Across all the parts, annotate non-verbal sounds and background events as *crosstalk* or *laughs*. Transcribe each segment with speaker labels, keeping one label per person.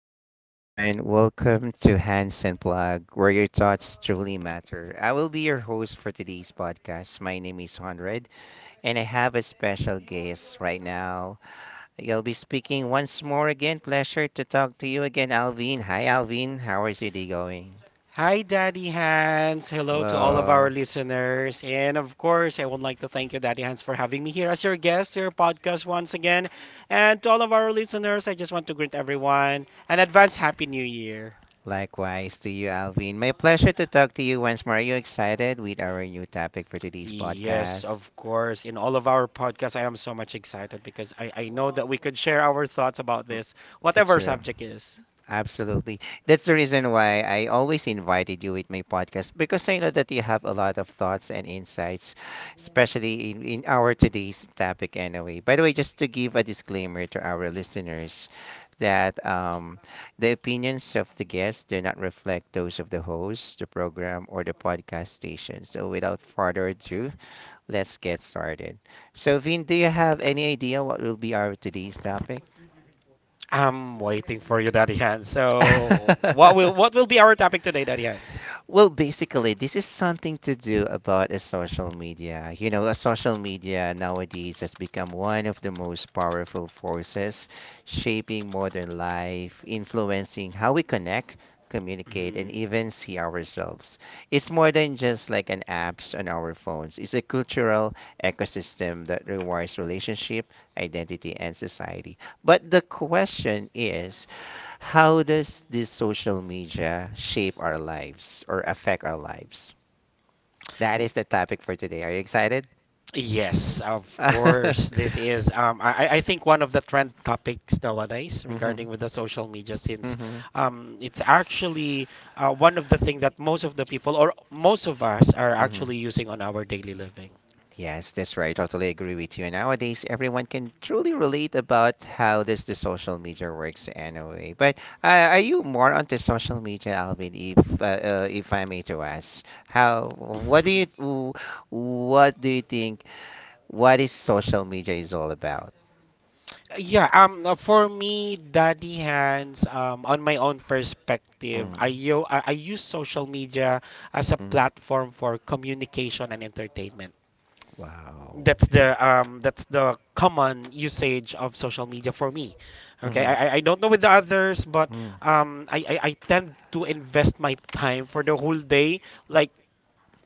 Speaker 1: Good day, everyone. Welcome to Hansen Blog, where your thoughts truly matter. I will be your host for today's podcast. My name is Honred, and I have a special guest right now. I'll be speaking once more again. Pleasure to talk to you again, Alvin. Hi, Alvin. How is your day going?
Speaker 2: Hi, Daddy Hans. Hello to all of our
Speaker 1: Hello.
Speaker 2: listeners. And of course, I would like to thank you, Daddy Hans, for having me here as your guest to your podcast once again. And to all of our listeners, I just want to greet everyone and advance Happy New Year.
Speaker 1: Likewise to you, Alvin. My pleasure to talk to you once more. Are you excited with our new topic for today's
Speaker 2: Yes,
Speaker 1: podcast?
Speaker 2: of course. In all of our podcasts, I am so much excited because I know that we could share our thoughts about this,
Speaker 1: That's
Speaker 2: whatever
Speaker 1: true.
Speaker 2: subject is.
Speaker 1: Absolutely. That's the reason why I always invited you with my podcast because I know that you have a lot of thoughts and insights, especially in our today's topic anyway. By the way, just to give a disclaimer to our listeners that the opinions of the guests do not reflect those of the host, the program, or the podcast station. So without further ado, let's get started. So Vin, do you have any idea what will be our today's topic?
Speaker 2: I'm waiting for you, Daddy Hans. So, what will
Speaker 1: *laughs*
Speaker 2: be our topic today, Daddy Hans?
Speaker 1: Well, basically, this is something to do about a social media. You know, a social media nowadays has become one of the most powerful forces shaping modern life, influencing how we connect, communicate, and
Speaker 2: Mhm.
Speaker 1: even see ourselves. It's more than just like an apps on our phones. It's a cultural ecosystem that rewards relationship, identity, and society. But the question is, how does this social media shape our lives or affect our lives? That is the topic for today. Are you excited? *laughs*
Speaker 2: Yes, of course. This is I think one of the trend topics nowadays regarding
Speaker 1: Mhm,
Speaker 2: with the social media since
Speaker 1: mhm,
Speaker 2: it's actually one of the things that most of the people or most of us are actually
Speaker 1: mhm.
Speaker 2: using on our daily living.
Speaker 1: Yes, that's right. Totally agree with you. Nowadays, everyone can truly relate about how does the social media works anyway. But are you more onto social media, Alvin? If I may to ask, how what do you
Speaker 2: *laughs*
Speaker 1: what do you think? What is social media is all about?
Speaker 2: Yeah, for me, Daddy Hands, on my own perspective,
Speaker 1: Mm,
Speaker 2: I, yo- I use social media as a
Speaker 1: mm.
Speaker 2: platform for communication and entertainment.
Speaker 1: Wow.
Speaker 2: That's the that's the common usage of social media for me. Okay,
Speaker 1: Mm-hmm.
Speaker 2: I don't know with the others, but I tend to invest my time for the whole day, like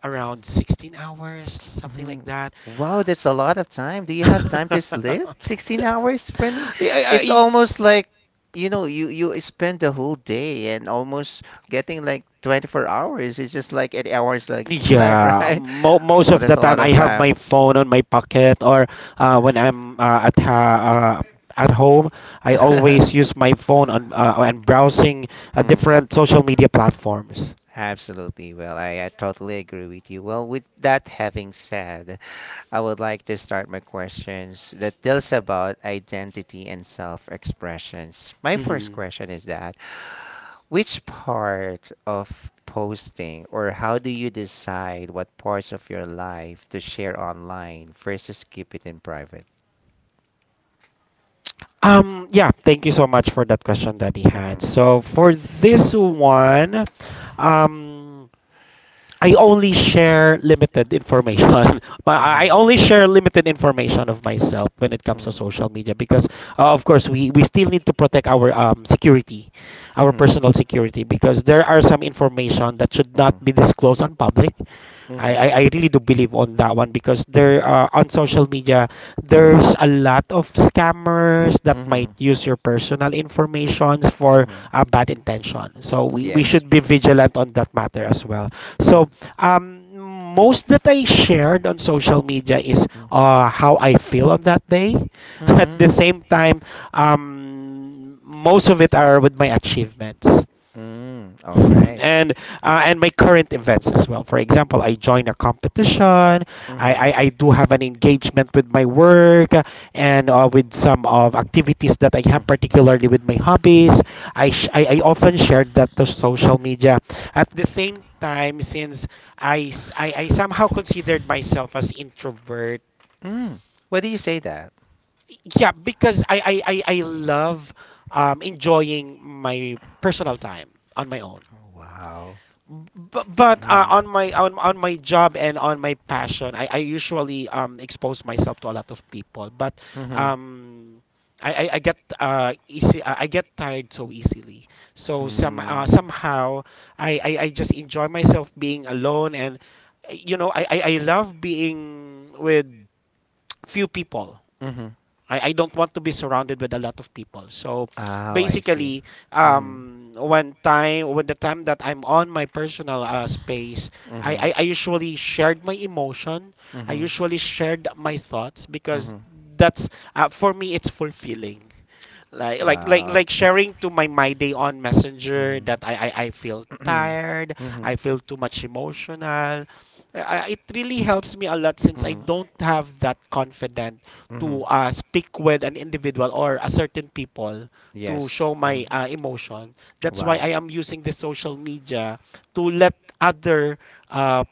Speaker 2: around 16 hours, something like
Speaker 1: Hmm.
Speaker 2: that.
Speaker 1: Wow, that's a lot of time. Do you have time to
Speaker 2: *laughs*
Speaker 1: sleep? 16 hours for me?
Speaker 2: yeah, I,
Speaker 1: It's
Speaker 2: I-
Speaker 1: almost like, you know, you spend the whole day and almost getting like 24 hours. It's just like 8 hours like left, *laughs*
Speaker 2: Yeah,
Speaker 1: right?
Speaker 2: mo most
Speaker 1: Well,
Speaker 2: of
Speaker 1: that's
Speaker 2: the
Speaker 1: a
Speaker 2: time
Speaker 1: lot
Speaker 2: I
Speaker 1: of
Speaker 2: have
Speaker 1: time.
Speaker 2: my phone on my pocket, or when I'm at home, I always
Speaker 1: *laughs*
Speaker 2: use my phone on and browsing
Speaker 1: Hmm.
Speaker 2: different social media platforms.
Speaker 1: Absolutely. Well, I totally agree with you. Well, with that having said, I would like to start my questions that deals about identity and self-expressions. My first
Speaker 2: Hmm.
Speaker 1: question is that which part of posting or how do you decide what parts of your life to share online versus keep it in private?
Speaker 2: Yeah, thank you so much for that question, Daddy Hans.
Speaker 1: Mhm.
Speaker 2: So for this one, um, I only share limited information. *laughs* But
Speaker 1: Mhm.
Speaker 2: I only share limited information of myself when it comes to
Speaker 1: Mhm.
Speaker 2: social media because, of course, we still need to protect our security, our
Speaker 1: Mhm.
Speaker 2: personal security, because there are some information that should not
Speaker 1: Mhm.
Speaker 2: be disclosed on public. I, I,
Speaker 1: Mhm.
Speaker 2: I really do believe on that one because there on social media there's a lot of scammers that might
Speaker 1: Mhm.
Speaker 2: use your personal informations for
Speaker 1: Mhm.
Speaker 2: a bad intention. So we
Speaker 1: Yes.
Speaker 2: should be vigilant on that matter as well.
Speaker 1: Mhm.
Speaker 2: So um most that I shared on social media is
Speaker 1: Mhm.
Speaker 2: how I feel on that day. *laughs* At
Speaker 1: Mhm.
Speaker 2: the same time, most of it are with my achievements.
Speaker 1: Mm. All
Speaker 2: *laughs*
Speaker 1: right.
Speaker 2: And my current events as well. For example, I join a competition. I do have an engagement with my work and with some of activities that I
Speaker 1: Mhm.
Speaker 2: have, particularly with my hobbies. I, sh- I often share that to social media. At the same time, since I somehow considered myself as introvert,
Speaker 1: Mm. Why do you say that?
Speaker 2: yeah, because I love enjoying my personal time on my own,
Speaker 1: Oh, wow.
Speaker 2: but
Speaker 1: Mm.
Speaker 2: on my job and on my passion I usually expose myself to a lot of people, but
Speaker 1: Mm-hmm.
Speaker 2: um I get easy I get tired so easily, so
Speaker 1: Mm.
Speaker 2: somehow I just enjoy myself being alone, and you know I love being with few people.
Speaker 1: Mm-hmm.
Speaker 2: I don't want to be surrounded with a lot of people. So
Speaker 1: Oh, I see.
Speaker 2: basically,
Speaker 1: Mm-hmm.
Speaker 2: when the time that I'm on my personal space, I,
Speaker 1: Mm-hmm.
Speaker 2: I, I usually shared my emotion. I
Speaker 1: Mm-hmm.
Speaker 2: usually shared my thoughts because
Speaker 1: Mm-hmm.
Speaker 2: that's for me it's fulfilling, like like like
Speaker 1: Wow.
Speaker 2: like sharing to my day on messenger
Speaker 1: Mm-hmm.
Speaker 2: that I feel
Speaker 1: Mm-hmm.
Speaker 2: tired,
Speaker 1: Mm-hmm.
Speaker 2: I feel too much emotional. I, it really helps me a lot since I
Speaker 1: Mm-hmm.
Speaker 2: don't have that confident
Speaker 1: Mm-hmm.
Speaker 2: to speak with an individual or a certain people to
Speaker 1: Yes.
Speaker 2: show my
Speaker 1: Mm.
Speaker 2: emotion. That's why I
Speaker 1: Wow.
Speaker 2: am using the social media to let other uh,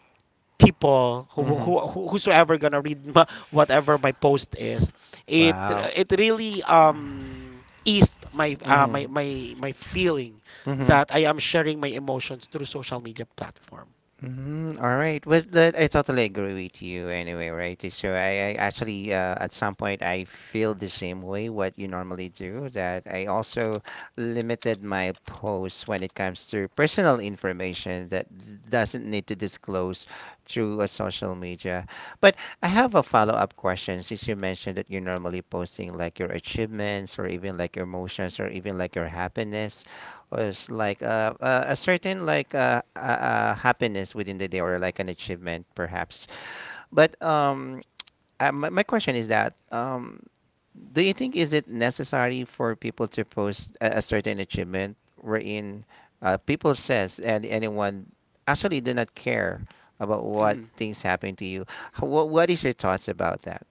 Speaker 2: people
Speaker 1: Mm-hmm.
Speaker 2: whosoever gonna read *laughs* whatever my post is. it
Speaker 1: Wow.
Speaker 2: it really eased my
Speaker 1: Mm-hmm.
Speaker 2: my feeling
Speaker 1: Mm-hmm.
Speaker 2: that I am sharing my emotions through social media platform.
Speaker 1: Mm, all right. Well, that, I totally agree with you anyway, right? So I actually, at some point, I feel the same way what you normally do, that I also limited my posts when it comes to personal information that doesn't need to disclose through a social media. But I have a follow-up question since you mentioned that you're normally posting like your achievements or even like your emotions or even like your happiness was like a certain like happiness within the day or like an achievement perhaps. But my question is that do you think is it necessary for people to post a certain achievement wherein people says and anyone actually do not care about what
Speaker 2: Mhm.
Speaker 1: things happen to you? What is your thoughts about that?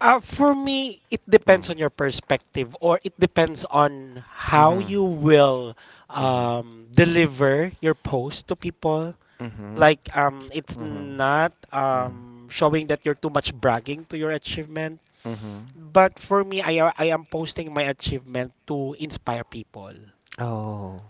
Speaker 2: For me, it
Speaker 1: Mm.
Speaker 2: depends on your perspective, or it depends on how
Speaker 1: Mm-hmm.
Speaker 2: you will
Speaker 1: Mm-hmm.
Speaker 2: deliver your post to people.
Speaker 1: Mm-hmm.
Speaker 2: Like, it's
Speaker 1: Mm-hmm.
Speaker 2: not
Speaker 1: Mm-hmm.
Speaker 2: showing that you're too much bragging to your achievement.
Speaker 1: Mm-hmm.
Speaker 2: But for me, I am posting my achievement to inspire people.
Speaker 1: Oh,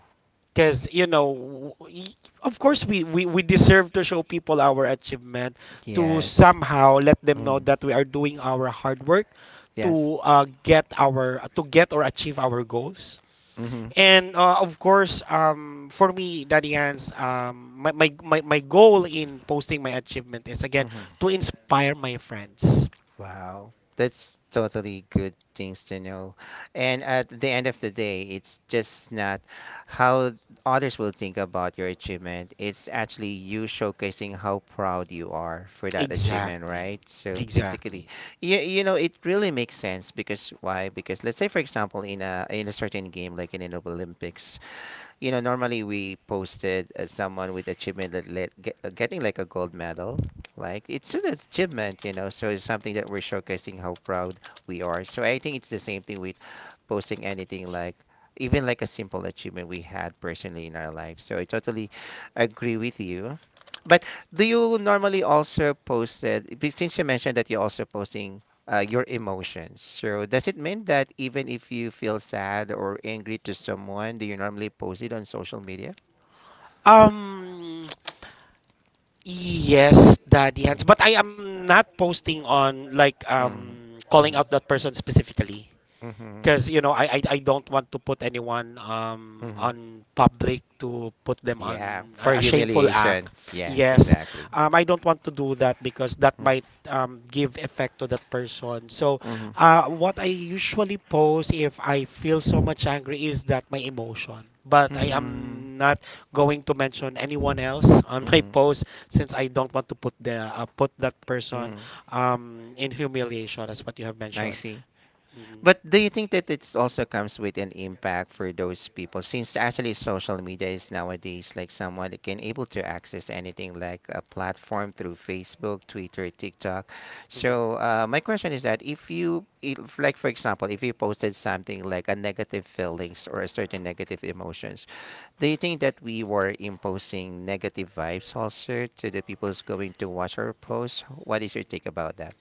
Speaker 2: Because, you know, we, of course, we deserve to show people our achievement, to
Speaker 1: yes.
Speaker 2: somehow let them know
Speaker 1: Mm.
Speaker 2: that we are doing our hard work
Speaker 1: Yes.
Speaker 2: to get or achieve our goals.
Speaker 1: Mm-hmm.
Speaker 2: And of course, for me, Daddy Hans, my goal in posting my achievement is again
Speaker 1: Mm-hmm.
Speaker 2: to inspire my friends.
Speaker 1: Wow. That's totally good things to know. And at the end of the day, it's just not how others will think about your achievement. It's actually you showcasing how proud you are for that achievement,
Speaker 2: Exactly.
Speaker 1: right? So basically,
Speaker 2: Exactly.
Speaker 1: you know, it really makes sense because why? Because let's say for example in a certain game like in an Olympics, you know, normally we posted as someone with achievement that let, get, getting like a gold medal. Like it's an achievement, you know, so it's something that we're showcasing how proud we are. So I think it's the same thing with posting anything like even like a simple achievement we had personally in our life. So I totally agree with you. But do you normally also post it? Since you mentioned that you're also posting your emotions. So does it mean that even if you feel sad or angry to someone, do you normally post it on social media?
Speaker 2: Um, yes, Daddy Hands.
Speaker 1: Mm.
Speaker 2: But I am not posting on, like,
Speaker 1: Mhm,
Speaker 2: calling
Speaker 1: mhm,
Speaker 2: out that person specifically
Speaker 1: mhm,
Speaker 2: because you know I don't want to put anyone
Speaker 1: mhm.
Speaker 2: on public, to put them on
Speaker 1: Yeah, for
Speaker 2: a shameful act.
Speaker 1: humiliation. Yes,
Speaker 2: Yes,
Speaker 1: exactly.
Speaker 2: I don't want to do that because that
Speaker 1: Mm,
Speaker 2: might give effect to that person. So,
Speaker 1: mhm,
Speaker 2: what I usually post if I feel so much angry is that my emotion. But I
Speaker 1: mhm,
Speaker 2: am not going to mention anyone else *laughs* on my
Speaker 1: mhm,
Speaker 2: post, since I don't want to put the put that person
Speaker 1: mhm.
Speaker 2: in humiliation, as what you have
Speaker 1: I
Speaker 2: mentioned.
Speaker 1: see.
Speaker 2: Mm,
Speaker 1: But do you think that it also comes with an impact for those people since actually social media is nowadays like someone that can able to access anything like a platform through Facebook, Twitter, TikTok. So
Speaker 2: mm.
Speaker 1: my question is that if you if, like for example, if you posted something like a negative feelings or a certain negative emotions, do you think that we were imposing negative vibes also to the people who's going to watch our posts? What is your take about that?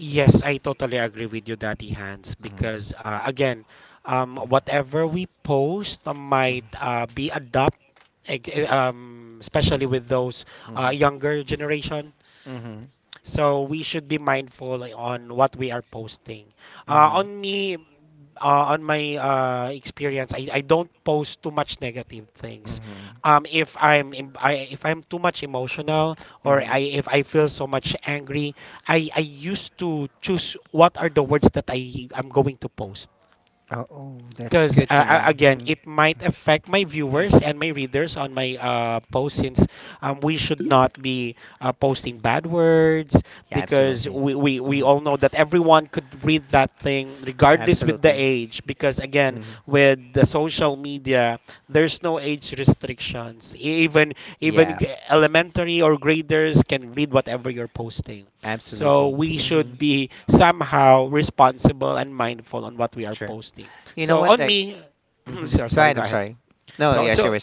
Speaker 2: Yes, I totally agree with you, Daddy Hans,
Speaker 1: Mm-hmm.
Speaker 2: because again,
Speaker 1: Mm-hmm.
Speaker 2: whatever we post might be adopt,
Speaker 1: Mm-hmm.
Speaker 2: especially with those younger generation.
Speaker 1: Mm-hmm.
Speaker 2: So we should be mindful, like, on what we are posting. Uh,
Speaker 1: Mhm.
Speaker 2: on me, on my experience, I don't post too much negative things.
Speaker 1: Mhm.
Speaker 2: If if I'm too much emotional, or
Speaker 1: Mhm.
Speaker 2: I, if I feel so much angry, I used to choose what are the words that I am going to post
Speaker 1: Oh, oh, that's
Speaker 2: because
Speaker 1: good to know.
Speaker 2: again
Speaker 1: Hmm.
Speaker 2: it might affect my
Speaker 1: *clears throat* Mm.
Speaker 2: viewers and my readers on my post, since we should not be posting bad words
Speaker 1: Yeah,
Speaker 2: because
Speaker 1: absolutely.
Speaker 2: we
Speaker 1: Mhm.
Speaker 2: all know that everyone could read that thing regardless with the
Speaker 1: Absolutely.
Speaker 2: age, because again
Speaker 1: Mhm.
Speaker 2: with the social media there's no age restrictions.
Speaker 1: Yeah,
Speaker 2: Elementary or graders can read whatever you're posting, so
Speaker 1: absolutely.
Speaker 2: we
Speaker 1: Mhm.
Speaker 2: should be somehow responsible and mindful on what we are
Speaker 1: Sure.
Speaker 2: posting.
Speaker 1: You know
Speaker 2: So
Speaker 1: what?
Speaker 2: on
Speaker 1: Like,
Speaker 2: me, *clears throat*
Speaker 1: mhm.
Speaker 2: so-
Speaker 1: Go
Speaker 2: sorry,
Speaker 1: ahead.
Speaker 2: go
Speaker 1: I'm
Speaker 2: ahead.
Speaker 1: sorry. No,
Speaker 2: So
Speaker 1: yeah. Sure.
Speaker 2: so
Speaker 1: We're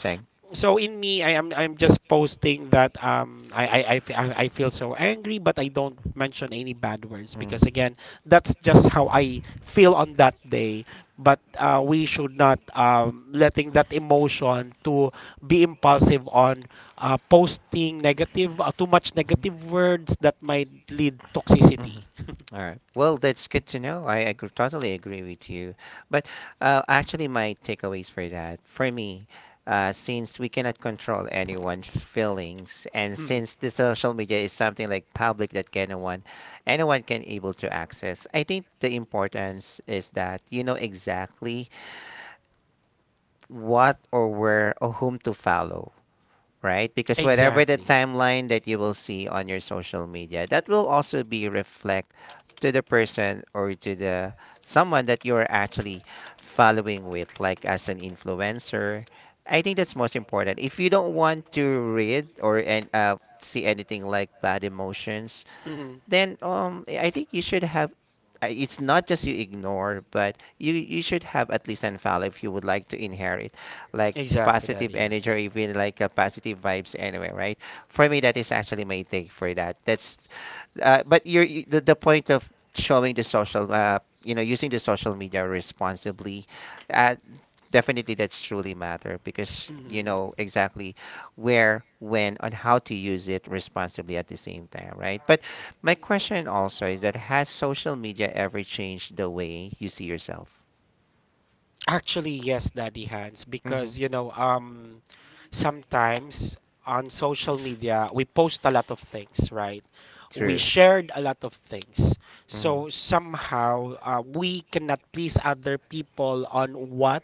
Speaker 2: so in me, I'm just posting that I feel so angry, but I don't mention any bad words because
Speaker 1: saying.
Speaker 2: again, that's just how I feel on that day. But we should not, letting that emotion to be impulsive on posting negative, too much negative words that might lead toxicity.
Speaker 1: Mhm.
Speaker 2: *laughs*
Speaker 1: All right. Well, that's good to know. I totally agree with you. But actually, my takeaways for that, for me,
Speaker 2: uh,
Speaker 1: since we cannot control anyone's feelings, and
Speaker 2: Mm.
Speaker 1: since the social media is something like public that
Speaker 2: Like
Speaker 1: can anyone, anyone can able to access, I think the importance is that you know exactly what or where or whom to follow, right? Because whatever the
Speaker 2: exactly time.
Speaker 1: timeline that you will see on your social media, that will also be reflect to the person or to the someone that you are actually following with, like as an influencer. I think that's most important. If you don't want to read or and see anything like bad emotions,
Speaker 2: Hmm.
Speaker 1: then I think you should have it's not just you ignore, but you should have at least an file if you would like to inherit, like
Speaker 2: Exactly,
Speaker 1: positive
Speaker 2: Daddy
Speaker 1: energy or
Speaker 2: Hands.
Speaker 1: even like a positive vibes anyway, right? For me, that is actually my take for that. That's but the point of showing the social you know using the social media responsibly. Uh, Definitely that's truly matter
Speaker 2: Use
Speaker 1: because
Speaker 2: it, hmm,
Speaker 1: you
Speaker 2: right?
Speaker 1: know exactly where, when, and how to use it responsibly at the same time, right? But my question also is that has social media ever changed the way you see yourself?
Speaker 2: Actually, yes, Daddy Hands,
Speaker 1: Mm-hmm.
Speaker 2: because you know, sometimes on social media we post a lot of things, right? We
Speaker 1: True.
Speaker 2: shared a lot of things,
Speaker 1: Mm-hmm.
Speaker 2: so somehow we cannot please other people on what,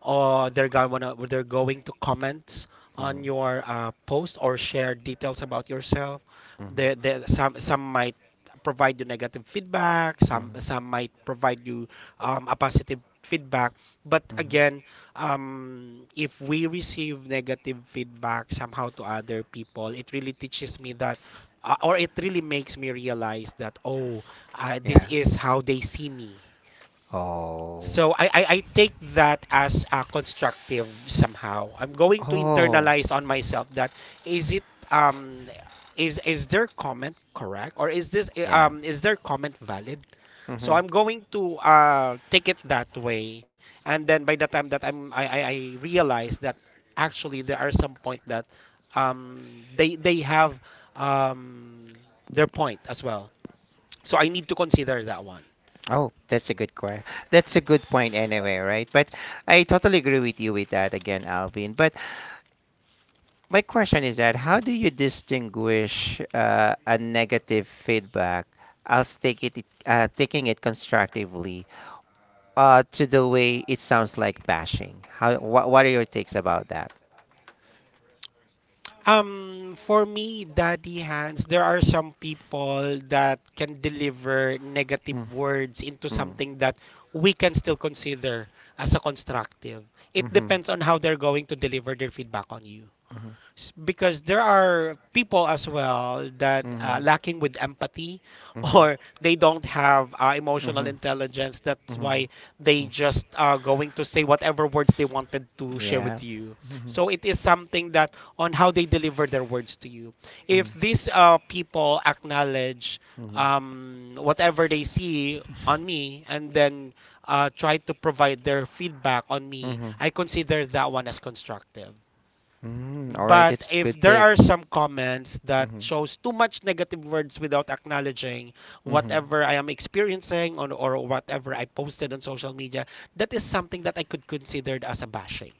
Speaker 2: or they're going to comment
Speaker 1: Mm-hmm.
Speaker 2: on your post, or share details about yourself.
Speaker 1: Mm-hmm.
Speaker 2: There some might provide you negative feedback. Some
Speaker 1: Mm-hmm.
Speaker 2: might provide you a positive feedback. But again,
Speaker 1: Mm-hmm.
Speaker 2: if we receive negative feedback somehow to other people, it really teaches me that. Or it really makes me realize that, oh, this
Speaker 1: Yeah.
Speaker 2: is how they see me.
Speaker 1: Oh.
Speaker 2: So I take that as a constructive somehow. I'm going to
Speaker 1: Oh.
Speaker 2: internalize on myself that, is it is their comment correct, or is this,
Speaker 1: Yeah.
Speaker 2: is their comment valid? So
Speaker 1: Mm-hmm.
Speaker 2: I'm going to take it that way, and then by the time that I realize that actually there are some point that they have um their point as well. So I need to consider that one.
Speaker 1: Oh, that's a good question. That's a good point anyway, right? But I totally agree with you with that again, Alvin. But my question is that how do you distinguish a negative feedback as take it taking it constructively to the way it sounds like bashing? How wha what are your takes about that?
Speaker 2: For me, Daddy Hands, there are some people that can deliver
Speaker 1: Mm,
Speaker 2: negative words into
Speaker 1: mm,
Speaker 2: something that we can still consider as a constructive. It
Speaker 1: mhm,
Speaker 2: depends on how they're going to deliver their feedback on you.
Speaker 1: mhm,
Speaker 2: Because there are people as well that
Speaker 1: mhm,
Speaker 2: lacking with empathy *laughs*
Speaker 1: mhm,
Speaker 2: or they don't have emotional
Speaker 1: mhm,
Speaker 2: intelligence, that's
Speaker 1: mhm,
Speaker 2: why they
Speaker 1: mhm
Speaker 2: just are going to say whatever words they wanted to share
Speaker 1: Yeah.
Speaker 2: with you.
Speaker 1: Mhm,
Speaker 2: So it is something that on how they deliver their words to you.
Speaker 1: mhm,
Speaker 2: If these people acknowledge
Speaker 1: mhm.
Speaker 2: whatever they see on me, and then try to provide their feedback on me,
Speaker 1: Mm-hmm.
Speaker 2: I consider that one as constructive.
Speaker 1: Mm, all right,
Speaker 2: But
Speaker 1: it's
Speaker 2: if
Speaker 1: good
Speaker 2: there
Speaker 1: take.
Speaker 2: are some comments that
Speaker 1: Mm-hmm.
Speaker 2: shows too much negative words without acknowledging
Speaker 1: Mm-hmm.
Speaker 2: whatever I am experiencing on, or whatever I posted on social media, that is something that I could consider as a bashing.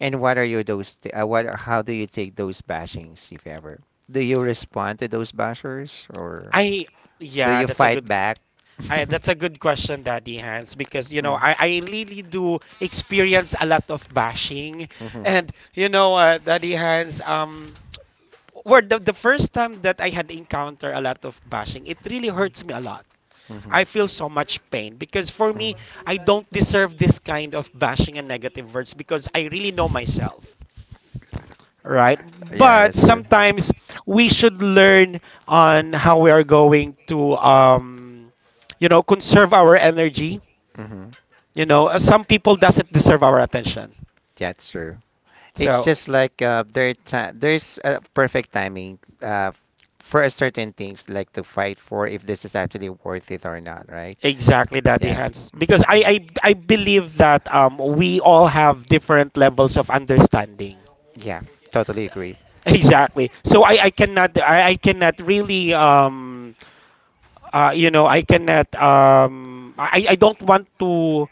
Speaker 1: And what are your those? What? How do you take those bashings, if ever? Do you respond to those bashers, or
Speaker 2: I
Speaker 1: do
Speaker 2: yeah,
Speaker 1: you
Speaker 2: that's a
Speaker 1: fight
Speaker 2: good
Speaker 1: back? *laughs*
Speaker 2: I, That's a good question, Daddy Hans, because you know
Speaker 1: Mm.
Speaker 2: I really do experience a lot of bashing,
Speaker 1: Mhm.
Speaker 2: and Daddy Hans, where the first time that I had encounter a lot of bashing, it really hurts me a lot.
Speaker 1: Mhm.
Speaker 2: I feel so much pain because for me,
Speaker 1: Mhm.
Speaker 2: I don't deserve this kind of bashing and negative words because I really know myself, right?
Speaker 1: Yeah,
Speaker 2: But
Speaker 1: that's true.
Speaker 2: sometimes we should learn on how we are going to, conserve our energy.
Speaker 1: Mm-hmm.
Speaker 2: You know, some people doesn't deserve our attention.
Speaker 1: That's true. It's
Speaker 2: So
Speaker 1: just like there's a perfect timing for a certain things like to fight for if this is actually worth it or not, right?
Speaker 2: Exactly, Daddy
Speaker 1: Yeah.
Speaker 2: Hans. Because
Speaker 1: Mm.
Speaker 2: I believe that we all have different levels of understanding.
Speaker 1: Yeah, totally agree.
Speaker 2: Exactly. So I cannot really I don't want to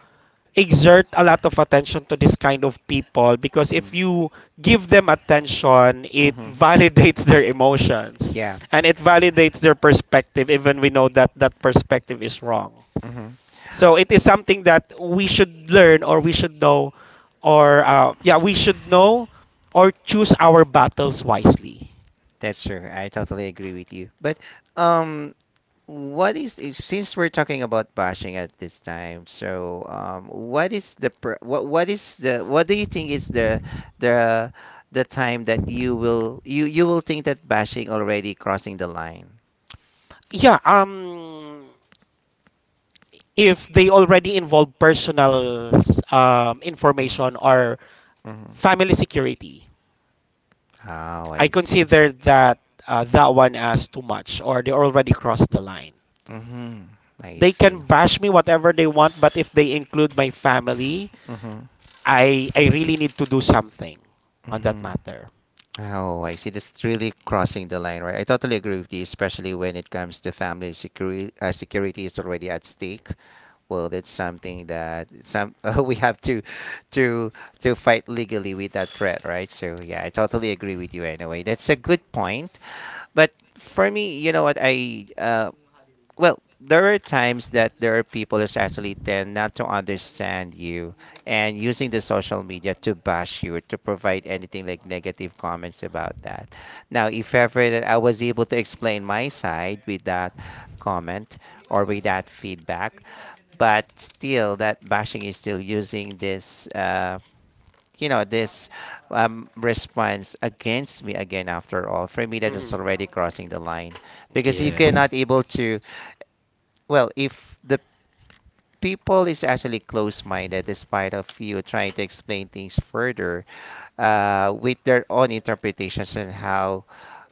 Speaker 2: exert a lot of attention to this kind of people, because
Speaker 1: Mm.
Speaker 2: if you give them attention it *laughs*
Speaker 1: Hmm.
Speaker 2: validates their emotions
Speaker 1: Yeah,
Speaker 2: and it validates their perspective, even we know that that perspective is wrong.
Speaker 1: hmm.
Speaker 2: So it is something that we should learn, or we should know, or yeah, we should know, or choose our battles wisely.
Speaker 1: That's true. I totally agree with you. But um, since we're talking about bashing at this time, so what is the pr- what is the what do you think is the the time that you will think that bashing already crossing the line?
Speaker 2: Yeah, if they already involve personal
Speaker 1: Mm.
Speaker 2: information or
Speaker 1: Hmm.
Speaker 2: family security,
Speaker 1: Oh,
Speaker 2: I
Speaker 1: I see.
Speaker 2: consider that that one as too much, or they already crossed the line.
Speaker 1: Mm-hmm. I
Speaker 2: They
Speaker 1: see.
Speaker 2: can bash me whatever they want, but if they include my family,
Speaker 1: Mm-hmm.
Speaker 2: I really need to do something on that
Speaker 1: Mm-hmm.
Speaker 2: matter.
Speaker 1: Oh, I see. That's really crossing the line, right? I totally agree with you, especially when it comes to family security. Security is already at stake. Well, that's something that some *laughs* we have to to to fight legally with that threat, right? So yeah, I totally agree with you. Anyway, that's a good point. But for me, you know what? I Well, there are times that there are people that actually tend not to understand you and using the social media to bash you or to provide anything like negative comments about that. Now if ever that I was able to explain my side with that comment or with that feedback, but still that bashing is still using this you know this response against me again. After all, for me, that is already crossing the line because you
Speaker 2: Yes.
Speaker 1: cannot able to... well, if the people is actually close-minded, despite of you trying to explain things further, with their own interpretations and how,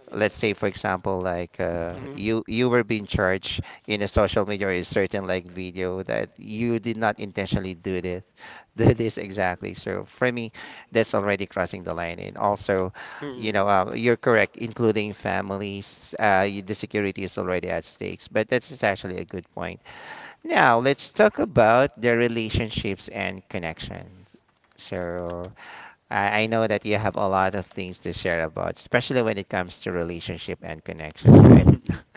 Speaker 1: let's say, for example, like
Speaker 2: Mhm.
Speaker 1: you were being charged in a social media or a certain like video that you did not intentionally do this, *laughs* do this exactly. So for me, that's already crossing the line. And also,
Speaker 2: Mhm.
Speaker 1: you're correct, including families, the security is already at stakes. But that's is actually a good point. Now, let's talk about the relationships and connections. So, I know that you have a lot of things to share about, especially when it comes to relationship and connections, right?
Speaker 2: *laughs*
Speaker 1: *laughs*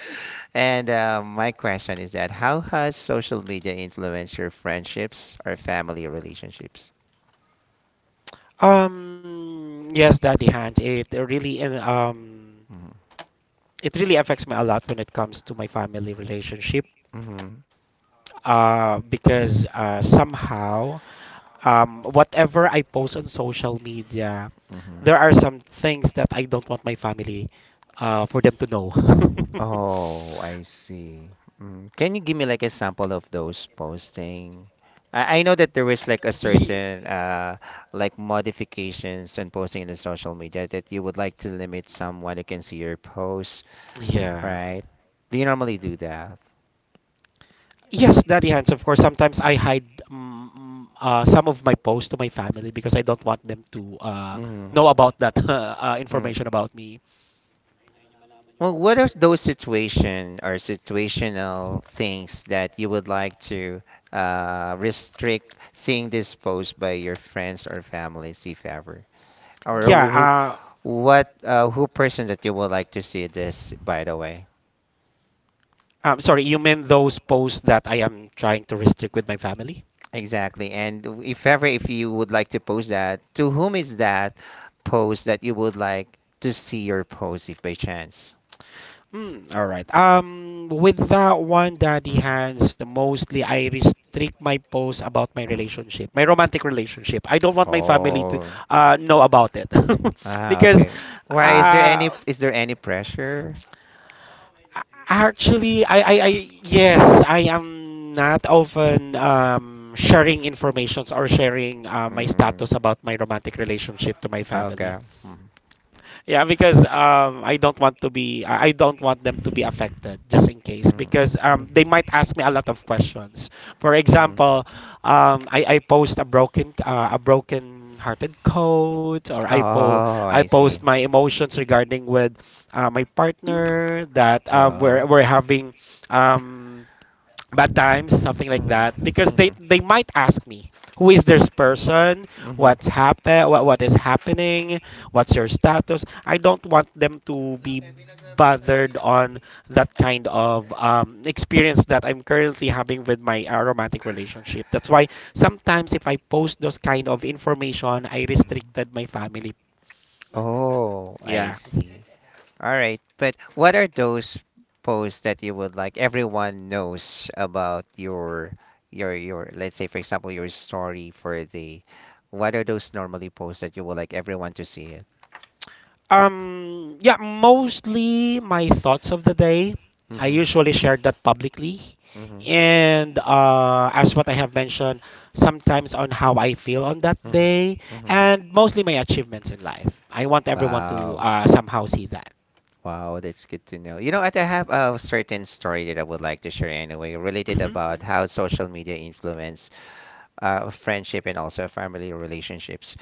Speaker 1: And my question is that how has social media influenced your friendships or family relationships?
Speaker 2: Yes, Daddy Hans,
Speaker 1: Mm-hmm.
Speaker 2: it really affects me a lot when it comes to my family relationship.
Speaker 1: Mm-hmm.
Speaker 2: Because somehow whatever I post on social media,
Speaker 1: Mm-hmm.
Speaker 2: there are some things that I don't want my family for them to know. *laughs*
Speaker 1: Oh, I see. Mm. Can you give me like a sample of those posting? I know that there was like
Speaker 2: Ye-
Speaker 1: a certain like modifications and posting in the social media that you would like to limit someone who can see your posts,
Speaker 2: Yeah.
Speaker 1: right? Do you normally do that?
Speaker 2: Yes, Daddy Hands, of course. Sometimes
Speaker 1: Mm.
Speaker 2: I hide some of my posts to my family because I don't want them to
Speaker 1: Mm.
Speaker 2: know about that *laughs*
Speaker 1: Mm.
Speaker 2: information about me.
Speaker 1: Well, what are those situation or situational things that you would like to restrict seeing this post by your friends or families, if ever? Or
Speaker 2: Yeah,
Speaker 1: who, what, who person that you would like to see this, by the way?
Speaker 2: I'm sorry, you meant those posts that I am trying to restrict with my family?
Speaker 1: Exactly. And if ever, if you would like to post that, to whom is that post that you would like to see your post, if by chance?
Speaker 2: Mm, all right. With that one, Daddy
Speaker 1: Mm,
Speaker 2: Hands, mostly I restrict my posts about my
Speaker 1: mm.
Speaker 2: relationship, my romantic relationship. I don't want my family to
Speaker 1: Oh,
Speaker 2: know about it *laughs*
Speaker 1: ah,
Speaker 2: because
Speaker 1: okay. Why is there any
Speaker 2: uh,
Speaker 1: is there any pressure?
Speaker 2: Actually, yes, I am not often sharing informations or sharing my
Speaker 1: Mm.
Speaker 2: status about my romantic relationship to my
Speaker 1: Ah,
Speaker 2: family.
Speaker 1: okay. Mm,
Speaker 2: Yeah, because I don't want to be, I don't want them to be affected, just in case,
Speaker 1: mm,
Speaker 2: because they
Speaker 1: mhm,
Speaker 2: might ask me a lot of questions. For
Speaker 1: mm.
Speaker 2: example, I post a broken, a broken-hearted quote, or
Speaker 1: Oh,
Speaker 2: I
Speaker 1: I
Speaker 2: post
Speaker 1: see.
Speaker 2: my emotions regarding with my partner that
Speaker 1: Oh.
Speaker 2: we're having um, bad times, something like that,
Speaker 1: Mm,
Speaker 2: because
Speaker 1: mhm,
Speaker 2: they might ask me, who is this person,
Speaker 1: mhm,
Speaker 2: what is happening, what's your status? I don't want them to be bothered on that kind of experience that I'm currently having with my romantic relationship. That's why sometimes if I post those kind of information I
Speaker 1: mhm.
Speaker 2: restricted my family,
Speaker 1: Oh, I
Speaker 2: yeah.
Speaker 1: see. All right. But what are those posts that you would like everyone knows about your let's say, for example, your story for the... what are those normally posts that you would like everyone to see it?
Speaker 2: Yeah, mostly my thoughts of the day. I
Speaker 1: Mm-hmm.
Speaker 2: usually share that publicly.
Speaker 1: Mm-hmm.
Speaker 2: And as what I have mentioned, sometimes on how I feel on that
Speaker 1: Mm-hmm.
Speaker 2: day,
Speaker 1: Mm-hmm.
Speaker 2: and mostly my achievements in life. I want everyone to
Speaker 1: Wow.
Speaker 2: somehow see that.
Speaker 1: Wow, that's good to know. You know what? I have a certain story that I would like to share anyway, related
Speaker 2: hmm
Speaker 1: about how social media influence friendship and also family relationships.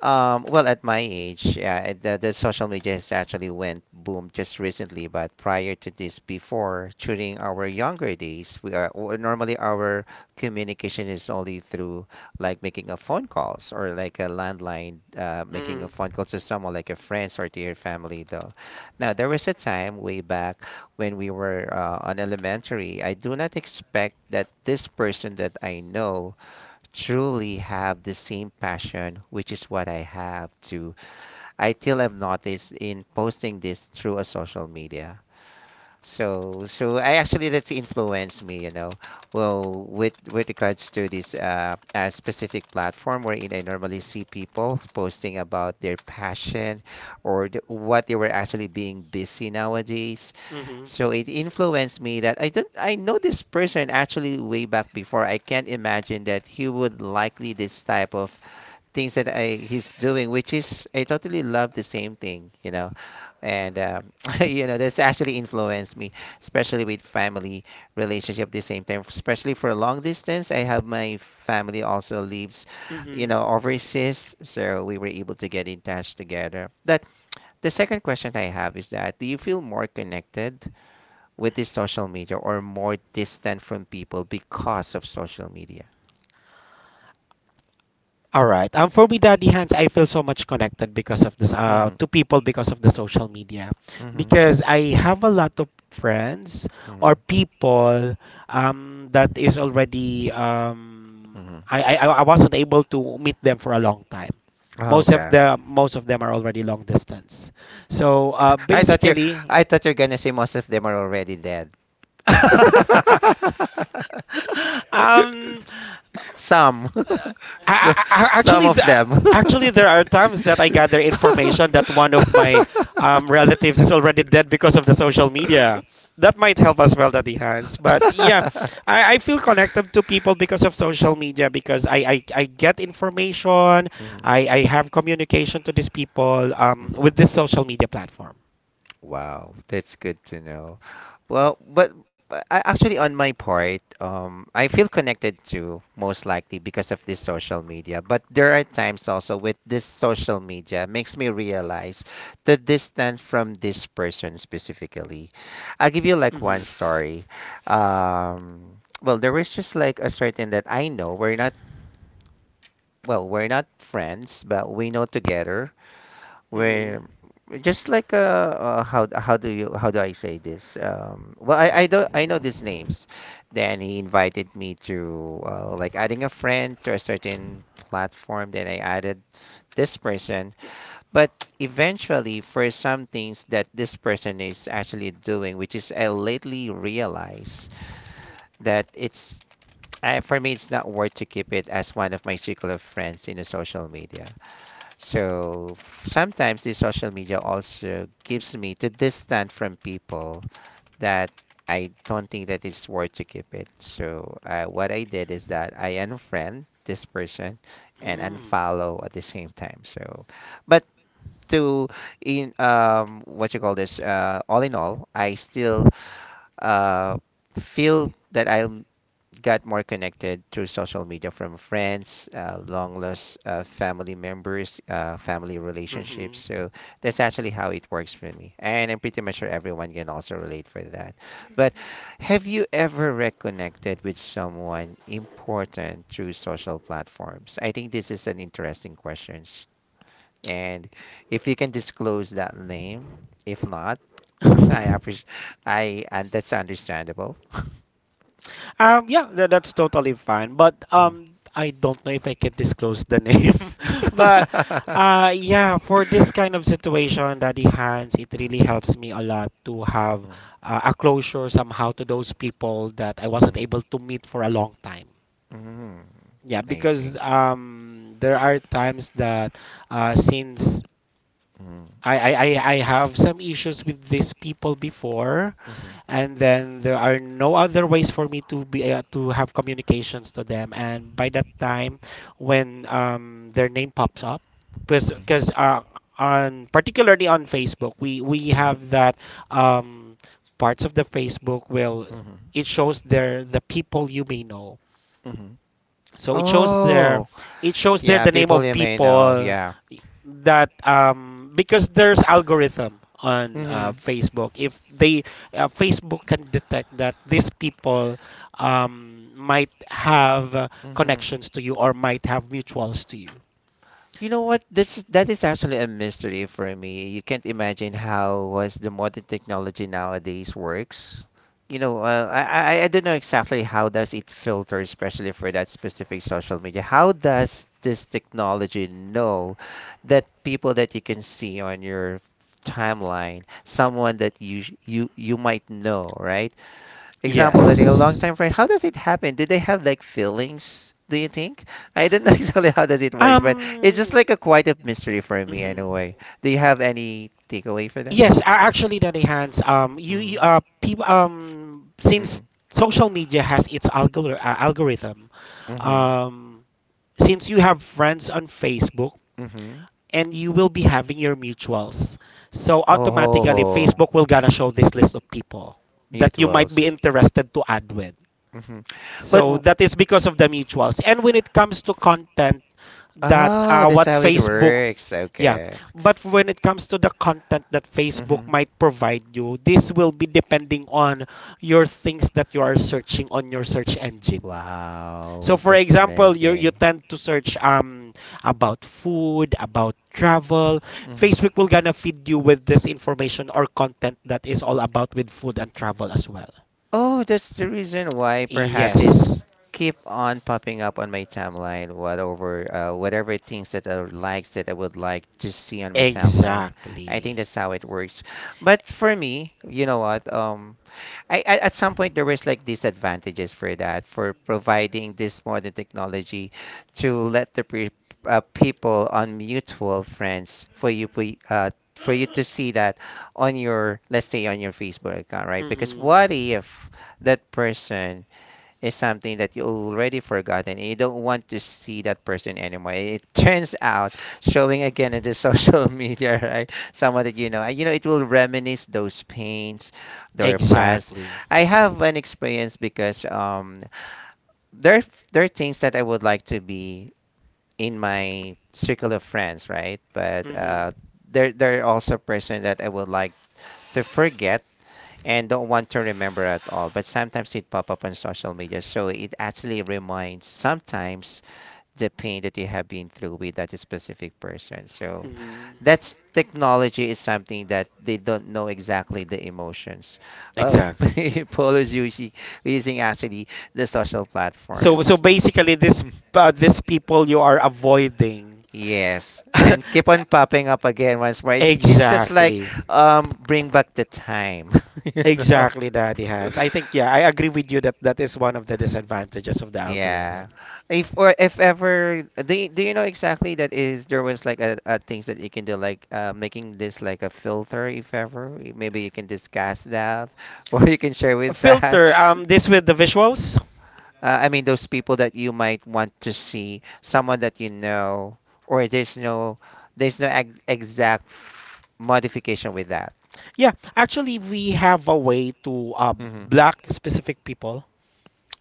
Speaker 1: Well, at my age, yeah, the social media has actually went boom just recently. But prior to this, before during our younger days, we are or normally our communication is only through like making a phone calls or like a landline, making a phone
Speaker 2: hmm
Speaker 1: call to someone like your friends or to your family. Though, now there was a time way back when we were on elementary. I do not expect that this person that I know truly have the same passion, which is what I have to. I till have noticed in posting this through a social media. So, I actually that's influenced me, you know. Well, with regards to this specific platform wherein I normally see people posting about their passion or what they were actually being busy nowadays.
Speaker 2: hmm
Speaker 1: So it influenced me that I don't I know this person actually way back before. I can't imagine that he would likely this type of things that I he's doing, which is I totally love the same thing, you know. And *laughs* you know, that's actually influenced me, especially with family relationship at the same time, especially for long distance. I have my family also lives, you
Speaker 2: hmm
Speaker 1: know, overseas, so we were able to get in touch together. But the second question I have is that do you feel more connected with the social media, or more distant from people because of social media?
Speaker 2: All right. For me, Daddy Hands, I feel so much connected because of this.
Speaker 1: Mhm.
Speaker 2: To people because of the social media,
Speaker 1: Mhm.
Speaker 2: because I have a lot of friends or
Speaker 1: Mhm.
Speaker 2: people that is already
Speaker 1: Mhm.
Speaker 2: I wasn't able to meet them for a long time.
Speaker 1: Okay.
Speaker 2: Most of them are already long distance. So
Speaker 1: *laughs* I thought you're
Speaker 2: basically.
Speaker 1: I thought you're gonna say most of them are already dead.
Speaker 2: *laughs* um,
Speaker 1: *laughs* Some. *laughs* So- Some
Speaker 2: actually,
Speaker 1: of them. *laughs*
Speaker 2: actually, there are times that I gather information that one of my relatives is already dead because of the social media. That might help as well, Daddy Hans. But yeah, I feel connected to people because of social media because I get information,
Speaker 1: Mhm.
Speaker 2: I have communication to these people with this
Speaker 1: Hmm.
Speaker 2: social media platform.
Speaker 1: Wow, that's good to know. Well, but I actually on my part, I feel connected to most likely because of this social media. But there are times also with this social media makes me realize the distance from this person specifically. I'll give you like one
Speaker 2: Mm-hmm.
Speaker 1: story. Well, there was just like a certain that I know we're not friends, but we know together
Speaker 2: Mm-hmm.
Speaker 1: where just like how do I say this? Well, I don't I know these names. Then he invited me to like adding a friend to a certain platform. Then I added this person, but eventually for some things that this person is actually doing, which is I lately realize that it's... For me, it's not worth to keep it as one of my circle of friends in the social media. So sometimes this social media also gives me to distance from people that I don't think that it's worth to keep it. So, what I did is that I unfriend this person and unfollow at the same time. So, but to in what you call this all in all, I still uh feel that I got more connected through social media from friends, long lost family members, family
Speaker 2: Mm-hmm.
Speaker 1: relationships. So that's actually how it works for me. And I'm pretty much sure everyone can also relate for that. But have you ever reconnected with someone important through social platforms? I think this is an interesting question. And if you can disclose that name, if not, *laughs* I appreciate...
Speaker 2: *laughs*
Speaker 1: I and that's understandable. *laughs*
Speaker 2: Yeah, that's totally fine. But
Speaker 1: Mm.
Speaker 2: I don't know if I can disclose the name. *laughs* But
Speaker 1: *laughs*
Speaker 2: yeah, for this kind of situation, Daddy Hans, it
Speaker 1: Mm,
Speaker 2: really helps me a lot to have a closure somehow to those people that I wasn't
Speaker 1: mm,
Speaker 2: able to meet for a long time.
Speaker 1: mm, mm.
Speaker 2: Yeah,
Speaker 1: I
Speaker 2: because
Speaker 1: see.
Speaker 2: there are times that since
Speaker 1: Mm,
Speaker 2: I have some issues with these people before,
Speaker 1: mhm,
Speaker 2: and then there are no other ways for me to be to have communications to them. And by that time, when their name pops up, because
Speaker 1: mhm,
Speaker 2: on particularly on Facebook, we have
Speaker 1: mhm,
Speaker 2: that um, parts of the Facebook will,
Speaker 1: mhm,
Speaker 2: it shows their, the people you may know.
Speaker 1: mhm.
Speaker 2: So
Speaker 1: Oh,
Speaker 2: it shows there
Speaker 1: yeah,
Speaker 2: the name
Speaker 1: people
Speaker 2: of
Speaker 1: you may know.
Speaker 2: people
Speaker 1: Yeah.
Speaker 2: that because there's algorithm on
Speaker 1: Mm-hmm.
Speaker 2: Facebook. If they Facebook can detect that these people might have
Speaker 1: Mm-hmm.
Speaker 2: connections to you or might have mutuals to you.
Speaker 1: You know what? That is actually a mystery for me. You can't imagine how was the modern technology nowadays works. I don't know exactly how does it filter, especially for that specific social media. How does this technology know that people that you can see on your timeline, someone that you sh- you might know, right? Example that a
Speaker 2: Yes.
Speaker 1: longtime friend, how does it happen? Did they have like feelings, do you think? I don't know *laughs* exactly how does it works, but it's just
Speaker 2: Um.
Speaker 1: like a quite a mystery for me
Speaker 2: Mhm.
Speaker 1: in a way. Do you have any takeaway for that?
Speaker 2: Yes, actually, Nanay Hans, you
Speaker 1: Mm-hmm.
Speaker 2: people, since
Speaker 1: Mm-hmm.
Speaker 2: social media has its algorithm,
Speaker 1: Mm-hmm.
Speaker 2: um, since you have friends on Facebook
Speaker 1: Mm-hmm.
Speaker 2: and you will be having your mutuals, so automatically
Speaker 1: Oh,
Speaker 2: Facebook will gonna show this list of people that you might
Speaker 1: mutuals.
Speaker 2: be interested to add with.
Speaker 1: Mm-hmm. but
Speaker 2: So
Speaker 1: w-
Speaker 2: that is because of the mutuals. And when it comes to content that
Speaker 1: oh, that's
Speaker 2: what
Speaker 1: how it
Speaker 2: Facebook
Speaker 1: works.
Speaker 2: yeah
Speaker 1: Okay.
Speaker 2: but when it comes to the content that Facebook
Speaker 1: Mm-hmm.
Speaker 2: might provide you, this
Speaker 1: Hmm.
Speaker 2: will be depending on your things that you are searching on your search engine. So
Speaker 1: Wow,
Speaker 2: for
Speaker 1: that's
Speaker 2: example, you
Speaker 1: amazing.
Speaker 2: tend to search about food, about travel,
Speaker 1: Mhm.
Speaker 2: Facebook will gonna feed you with this information or content that is all about with food and travel as well.
Speaker 1: Oh, that's the reason why perhaps it's
Speaker 2: Yes,
Speaker 1: keep on popping up on my timeline, whatever whatever things that I would likes that I would like to see on my timeline. I
Speaker 2: exactly.
Speaker 1: think that's how it works. But for me, you know what? I at some point there was like disadvantages for that for providing this modern technology to let the people on mutual friends for you for you to see that on your let's say on your Facebook account, right? Because
Speaker 2: Mm-hmm.
Speaker 1: what if that person is something that you already forgotten, and you don't want to see that person anymore. It *laughs* turns out showing again in the social *laughs* media, right? Someone that you know, and it will reminisce those pains, their past.
Speaker 2: Exactly.
Speaker 1: I have an experience because there there are things that I would like to be in my circle of friends, right? But
Speaker 2: Mhm.
Speaker 1: uh, there there are also person that I would like to forget and don't want to remember at all. But sometimes it pop up on social media, so it actually reminds sometimes the pain that you have been through with that specific person. So
Speaker 2: Mhm.
Speaker 1: that's technology is something that they don't know exactly the emotions of *laughs*
Speaker 2: Exactly.
Speaker 1: people is usually using actually the social
Speaker 2: So so
Speaker 1: platforms.
Speaker 2: basically
Speaker 1: *laughs*
Speaker 2: this these people you are avoiding. *laughs*
Speaker 1: Yes, and keep on popping up again once more. It's just like
Speaker 2: Exactly.
Speaker 1: bring back the time, *laughs* you know.
Speaker 2: Exactly, Daddy Hans. I think yeah, I agree with you that that is one of the disadvantages of the
Speaker 1: Yeah.
Speaker 2: algorithm.
Speaker 1: If or if ever do you know exactly that is there was like a things that you can do like making this like a filter if ever maybe you can discuss that *laughs* or you can share with that
Speaker 2: Filter this with the visuals,
Speaker 1: I mean those people that you might want to see someone that you know or there's no ex exact modification with that.
Speaker 2: yeah, actually we have a way to
Speaker 1: Hmm.
Speaker 2: block specific people.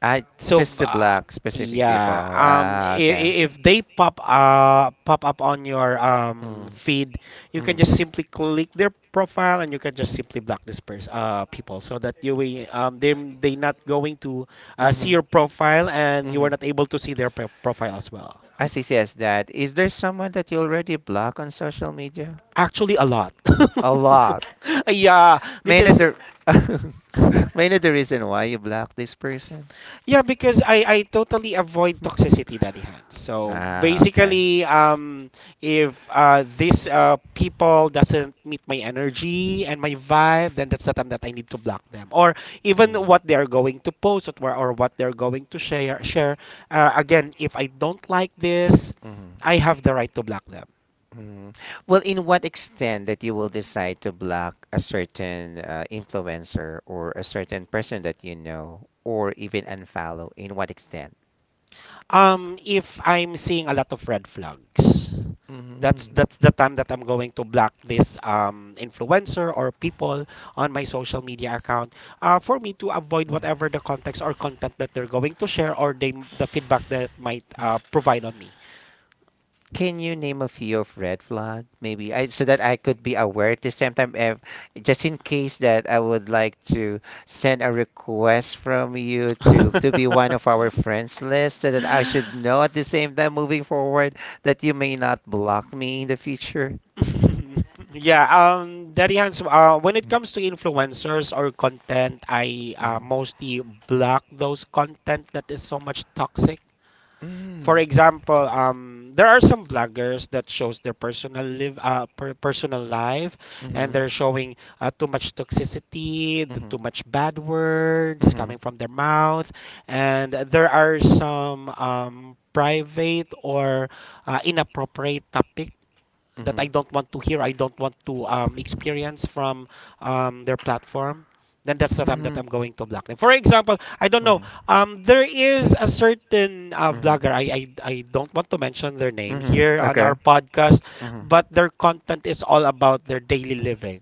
Speaker 1: I
Speaker 2: So,
Speaker 1: just to
Speaker 2: uh,
Speaker 1: block specific people.
Speaker 2: yeah,
Speaker 1: Ah, okay.
Speaker 2: if they pop up on your
Speaker 1: Mm-hmm.
Speaker 2: feed, you can just simply click their profile and you can just simply block this person people, so that you will um, they not going to see
Speaker 1: Mm-hmm.
Speaker 2: your profile and you
Speaker 1: Hmm.
Speaker 2: are not able to see their profile as well.
Speaker 1: I see, yes, that. Is there someone that you already block on social media?
Speaker 2: Actually, a lot.
Speaker 1: A lot.
Speaker 2: *laughs* Yeah,
Speaker 1: May not
Speaker 2: because.
Speaker 1: the... *laughs* may not the reason why you block this person?
Speaker 2: Yeah, because I totally avoid toxicity,
Speaker 1: *laughs*
Speaker 2: Daddy Hans. So
Speaker 1: Ah, okay.
Speaker 2: basically, if this people doesn't meet my energy and my vibe, then that's the time that I need to block them. Or even
Speaker 1: Mm.
Speaker 2: what they are going to post, or what they're going to share. Share again, if I don't like this,
Speaker 1: Mhm,
Speaker 2: I have the right to block them.
Speaker 1: mhm. Well, in what extent that you will decide to block a certain influencer or a certain person that you know, or even unfollow? In what extent?
Speaker 2: If I'm seeing a lot of red flags,
Speaker 1: Mm-hmm.
Speaker 2: that's the time that I'm going to block this influencer or people on my social media account, for me to avoid
Speaker 1: Mm-hmm.
Speaker 2: whatever the context or content that they're going to share, the feedback that might provide on me.
Speaker 1: Can you name a few of red flag, maybe? I so that I could be aware at the same time if just in case that I would like to send a request from you to be one of our friends list so that I should
Speaker 2: *laughs*
Speaker 1: know at the same time moving forward that you may not block me in the future.
Speaker 2: *laughs* Yeah, Daddy Hans, when it comes to influencers or content, I
Speaker 1: Mm-hmm.
Speaker 2: mostly block those content that is so much toxic.
Speaker 1: Mm.
Speaker 2: For example, there are some bloggers that shows their personal live, per personal life, and
Speaker 1: Mm-hmm.
Speaker 2: they're showing too much toxicity, the
Speaker 1: Mm-hmm.
Speaker 2: too much bad words
Speaker 1: Mm-hmm.
Speaker 2: coming from their mouth, and there are some private or inappropriate topics that I don't want to hear, I don't want to experience from their platform, then that's the time that
Speaker 1: Mm-hmm.
Speaker 2: I'm going to block them. For example, I don't know.
Speaker 1: Mm-hmm.
Speaker 2: There is a certain
Speaker 1: Mm-hmm.
Speaker 2: vlogger. I don't want to mention their name
Speaker 1: Mm-hmm.
Speaker 2: here on
Speaker 1: Okay.
Speaker 2: our podcast, but their content is all about their daily living.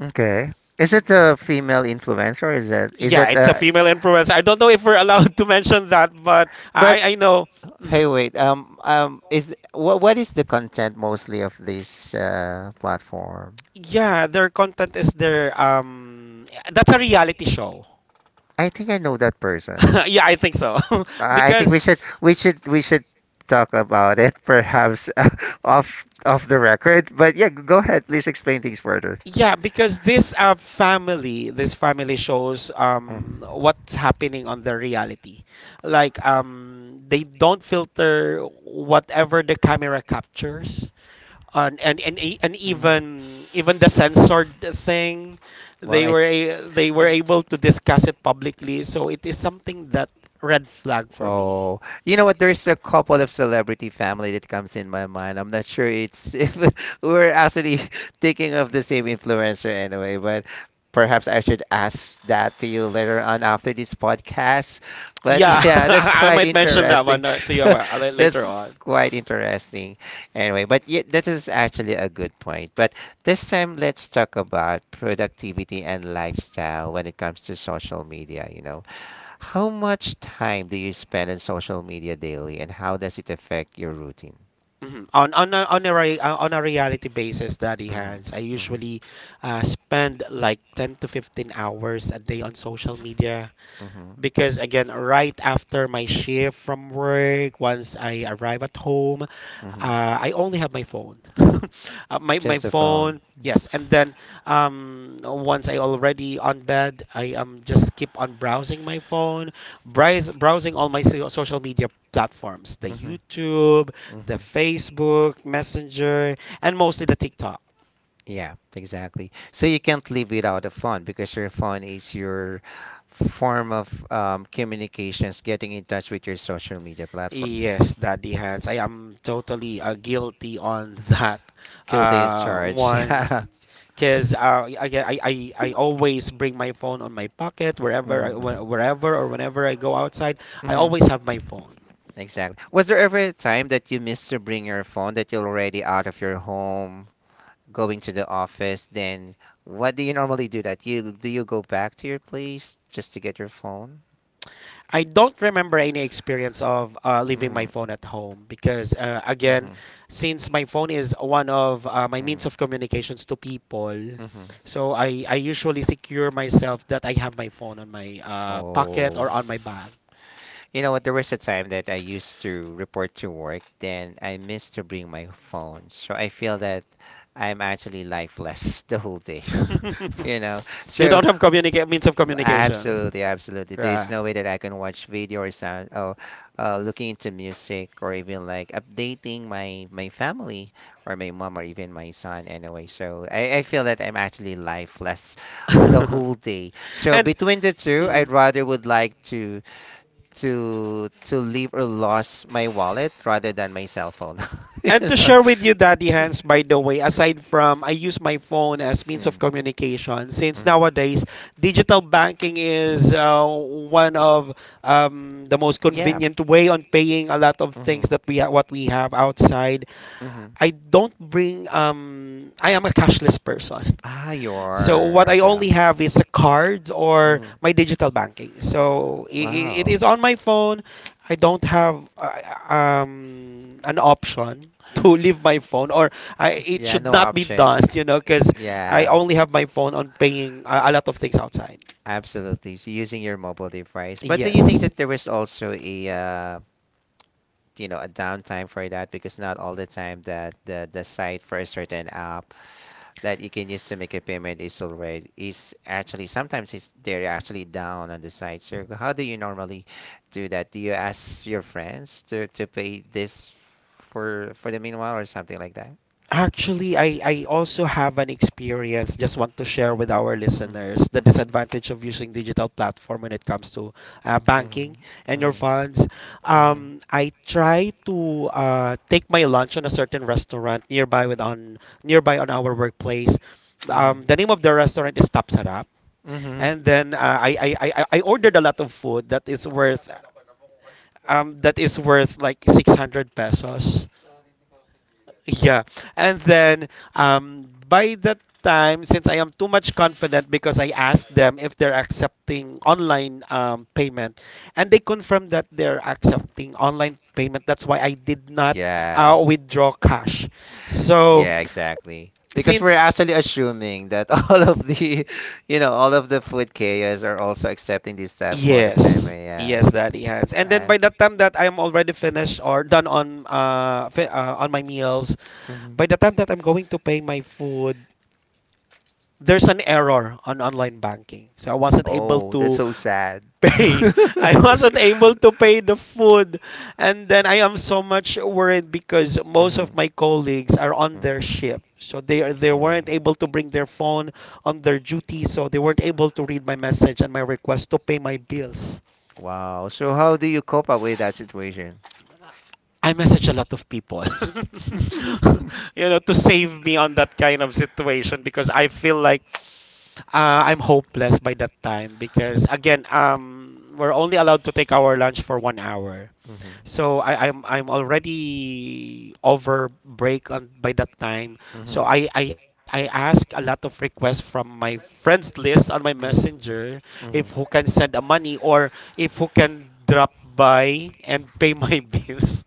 Speaker 1: Mm-hmm. Okay. Is it a female influencer? Is it? Is
Speaker 2: Yeah,
Speaker 1: it?
Speaker 2: it's a female influencer. I don't know if we're allowed to mention that, but
Speaker 1: But
Speaker 2: I know.
Speaker 1: hey,
Speaker 2: Mhm.
Speaker 1: wait. Is what? What is the content mostly of this platform?
Speaker 2: Yeah, their content is their that's a reality show.
Speaker 1: I think I know that person.
Speaker 2: *laughs* Yeah, I think so. *laughs*
Speaker 1: I think
Speaker 2: because
Speaker 1: we should. We should. We should talk about it, perhaps *laughs* off the record. But yeah, go ahead. Please explain things further.
Speaker 2: yeah, because this this family shows
Speaker 1: Mm-hmm.
Speaker 2: what's happening on the reality. Like they don't filter whatever the camera captures. And, e- and
Speaker 1: Mm.
Speaker 2: Even even the censored thing
Speaker 1: Well,
Speaker 2: they
Speaker 1: I,
Speaker 2: were they were
Speaker 1: and
Speaker 2: able to discuss it publicly, so it is something that red flag for me.
Speaker 1: Oh, you know what? There's a couple of celebrity family that comes in my mind. I'm not sure it's *laughs* if we're actually *laughs* thinking of the same influencer anyway, but perhaps I should ask that to you later on after this podcast. But
Speaker 2: Yeah.
Speaker 1: *laughs*
Speaker 2: *laughs*
Speaker 1: yeah, that's
Speaker 2: I
Speaker 1: quite
Speaker 2: might mention that
Speaker 1: interesting.
Speaker 2: one to you
Speaker 1: *laughs*
Speaker 2: later
Speaker 1: That's
Speaker 2: on.
Speaker 1: quite interesting. Anyway, but yeah, that is actually a good point. But this time, let's talk about productivity and lifestyle when it comes to social media. You know, how much time do you spend on social media daily, and how does it affect your routine?
Speaker 2: Mhm. On a re, on a reality basis, Daddy
Speaker 1: Mm-hmm,
Speaker 2: Hands, I
Speaker 1: mm-hmm,
Speaker 2: usually spend like 10 to 15 hours a day on social media,
Speaker 1: mm-hmm,
Speaker 2: because again right after my shift from work, once I arrive at home,
Speaker 1: mm-hmm.
Speaker 2: I only have my phone. *laughs* My
Speaker 1: Just the phone.
Speaker 2: phone, yes. And then, once I already on bed, I just keep on browsing my phone, browsing all my social media platforms, the
Speaker 1: Mm-hmm,
Speaker 2: YouTube, the
Speaker 1: mm-hmm.
Speaker 2: Facebook Messenger, and mostly the TikTok.
Speaker 1: Yeah, exactly. So you can't live without a phone because your phone is your form of communications, getting in touch with your social media platforms.
Speaker 2: Yes, Daddy Hans, I am totally guilty on *laughs* that
Speaker 1: Guilty of charge. *laughs*
Speaker 2: one.
Speaker 1: Yeah.
Speaker 2: Because I always bring my phone on my pocket, wherever
Speaker 1: Mm-hmm.
Speaker 2: wherever or whenever I go outside. I always have my phone.
Speaker 1: Exactly. Was there ever a time that you missed to bring your phone that you're already out of your home, going to the office? Then what do you normally do that? You go back to your place just to get your phone?
Speaker 2: I don't remember any experience of leaving my
Speaker 1: Mm-hmm.
Speaker 2: phone at home, because again,
Speaker 1: Mm-hmm.
Speaker 2: since my phone is one of my means
Speaker 1: Mm-hmm.
Speaker 2: of communications to people,
Speaker 1: Hmm.
Speaker 2: so I usually secure myself that I have my phone on my pocket
Speaker 1: Oh.
Speaker 2: or on my bag.
Speaker 1: You know what? There was a time that I used to report to work, then I missed to bring my phone. So I feel that I'm actually lifeless *laughs* the whole day.
Speaker 2: *laughs*
Speaker 1: *laughs* You know,
Speaker 2: You
Speaker 1: so
Speaker 2: don't have means of communications.
Speaker 1: absolutely, absolutely. There's
Speaker 2: Yeah.
Speaker 1: no way that I can watch video or sound or looking into music or even like updating my family or my mom or even my son anyway. So I feel that I'm actually lifeless
Speaker 2: *laughs*
Speaker 1: the
Speaker 2: And
Speaker 1: whole day. So between the two,
Speaker 2: mhm.
Speaker 1: I'd rather would like to to leave or lost my wallet rather than my cell phone. *laughs*
Speaker 2: And
Speaker 1: You
Speaker 2: to
Speaker 1: know?
Speaker 2: share with you, Daddy
Speaker 1: *laughs*
Speaker 2: Hands, by the way, aside from I use my phone as means
Speaker 1: Mm,
Speaker 2: of communication, since
Speaker 1: mhm.
Speaker 2: nowadays digital banking is one of the most
Speaker 1: Yeah.
Speaker 2: convenient way on paying a lot of things
Speaker 1: Mm-hmm.
Speaker 2: that what we have outside.
Speaker 1: Mm-hmm.
Speaker 2: I don't bring, I am a cashless person.
Speaker 1: Ah, you
Speaker 2: So what
Speaker 1: are.
Speaker 2: I
Speaker 1: Okay.
Speaker 2: only have is a card or my
Speaker 1: Mm-hmm.
Speaker 2: digital banking. So it
Speaker 1: Wow.
Speaker 2: is on my phone. I don't have an option *laughs* to leave my phone, or it
Speaker 1: Yeah,
Speaker 2: should
Speaker 1: no
Speaker 2: not be done,
Speaker 1: options.
Speaker 2: you know, because I
Speaker 1: Yeah,
Speaker 2: only have my phone on paying a lot of things outside.
Speaker 1: absolutely. So using your mobile device. But do you think
Speaker 2: Yes.
Speaker 1: that there is also a you know, a downtime for that because not all the time that the site for a certain app that you can use to make a payment is already is actually sometimes it's they're actually down on the site. So how do you normally do that? Do you ask your friends to pay this for the meanwhile or something like that?
Speaker 2: Actually, I also have an experience. Just want to share with our
Speaker 1: Hmm.
Speaker 2: listeners the
Speaker 1: Hmm.
Speaker 2: disadvantage of using digital platform when it comes to banking
Speaker 1: Hmm.
Speaker 2: and your funds.
Speaker 1: Hmm. Hmm.
Speaker 2: I try to take my lunch on a certain restaurant nearby with on nearby on our workplace.
Speaker 1: Hmm.
Speaker 2: The name of the restaurant is Tapsarap,
Speaker 1: Hmm.
Speaker 2: and then I ordered a lot of food that is worth like 600 pesos. Yeah. And then, by that time, since I am too much confident, because I asked them if they're accepting online payment, and they confirmed that they're accepting online payment. That's why I did not
Speaker 1: Yeah.
Speaker 2: withdraw cash. So
Speaker 1: Yeah, exactly. Because we're
Speaker 2: since
Speaker 1: actually assuming that *laughs* all of the, you know, all of the food chaos are also accepting this type mode of
Speaker 2: Yes,
Speaker 1: payment. Yeah.
Speaker 2: yes, Daddy Hands. And then
Speaker 1: Uh,
Speaker 2: by the time that I'm already finished or done on my meals,
Speaker 1: mhm.
Speaker 2: by the time that I'm going to pay my food, there's an error on online banking. So I wasn't able
Speaker 1: Oh, that's
Speaker 2: to
Speaker 1: so sad.
Speaker 2: pay. *laughs*
Speaker 1: *laughs*
Speaker 2: I wasn't able to pay the food. And then I am so much worried because most
Speaker 1: Mhm.
Speaker 2: of my colleagues are on
Speaker 1: Mm.
Speaker 2: their shift. So they
Speaker 1: Oh.
Speaker 2: weren't able to bring their phone on their duty, so they weren't able to read my message and my request to pay my bills.
Speaker 1: Wow. So how do you cope up with that situation?
Speaker 2: I message a lot of people,
Speaker 1: *laughs* Hmm.
Speaker 2: *laughs* you know, to save me on that kind of situation, because I feel like I'm hopeless by that time, because again, we're only allowed to take our lunch for one hour.
Speaker 1: Hmm.
Speaker 2: So I'm already over break on by that time.
Speaker 1: Hmm. Hmm.
Speaker 2: So I ask a lot of requests from my friends list on my Messenger, if who can send a money, or if who can drop by and pay my *laughs* bills.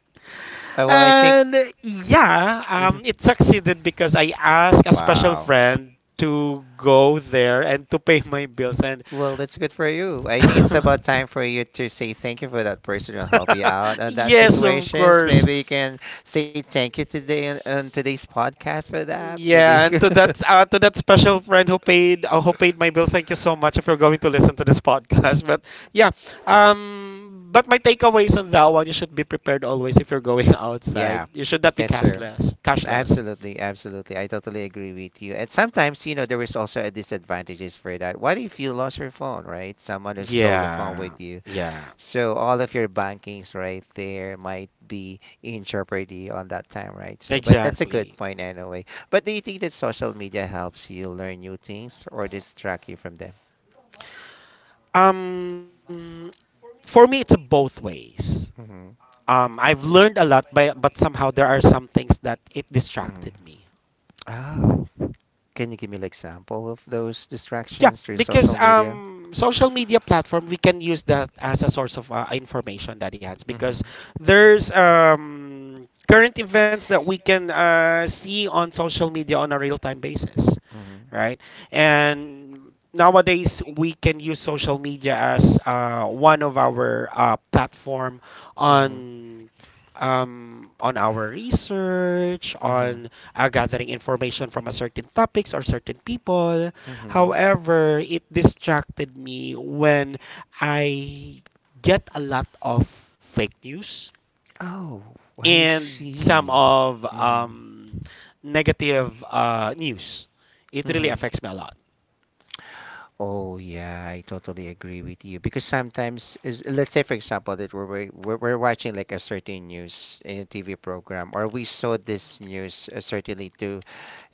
Speaker 1: Well, I think.
Speaker 2: And yeah,
Speaker 1: Mhm.
Speaker 2: it succeeded because I asked a special
Speaker 1: Wow.
Speaker 2: friend to go there and to pay my bills. And
Speaker 1: Well, that's good for you. I think it's about time
Speaker 2: *laughs*
Speaker 1: for you to say thank you for that person who helped you out on that
Speaker 2: yes, of
Speaker 1: situations.
Speaker 2: course.
Speaker 1: Maybe you can say thank you today on today's podcast for that. Maybe.
Speaker 2: Yeah,
Speaker 1: *laughs*
Speaker 2: and to that special friend who paid my bill, thank you so much if you're going to listen to this podcast. *laughs* But yeah. But my takeaways on that one, you should be prepared always if you're going *laughs* outside.
Speaker 1: Yeah,
Speaker 2: You should not be
Speaker 1: that's true.
Speaker 2: cashless. Cashless.
Speaker 1: Absolutely, absolutely. I totally agree with you. And sometimes, you know, there is also a disadvantages for that. What if you lost your phone, right? Someone who stole the phone
Speaker 2: Yeah.
Speaker 1: with you.
Speaker 2: Yeah.
Speaker 1: So all of your bankings right there might be in jeopardy on that time, right? So, but that's a good
Speaker 2: Exactly.
Speaker 1: point anyway. But do you think that social media helps you learn new things or distract you from them?
Speaker 2: Um, for me, it's both ways.
Speaker 1: Hmm.
Speaker 2: I've learned a lot, but somehow there are some things that it
Speaker 1: Hmm.
Speaker 2: distracted me.
Speaker 1: Oh, can you give me an example of those
Speaker 2: Yeah,
Speaker 1: distractions through
Speaker 2: because
Speaker 1: social media?
Speaker 2: social media platform, we can use that as a source of information, Daddy Hans. Because
Speaker 1: Hmm.
Speaker 2: there's current events that we can see on social media on a real time basis,
Speaker 1: Mhm.
Speaker 2: right? And nowadays we can use social media as one of our platform
Speaker 1: Mhm.
Speaker 2: on on our research,
Speaker 1: Mhm.
Speaker 2: on gathering information from a certain topics or certain people.
Speaker 1: Mhm.
Speaker 2: However, it distracted me when I get a lot of fake news
Speaker 1: Oh, I
Speaker 2: and some
Speaker 1: see.
Speaker 2: of
Speaker 1: Mhm.
Speaker 2: negative news. It really
Speaker 1: Mhm.
Speaker 2: affects me a lot.
Speaker 1: Oh yeah, I totally agree with you because sometimes is let's say for example that we're watching like a certain news in a TV program or we saw this news certainly to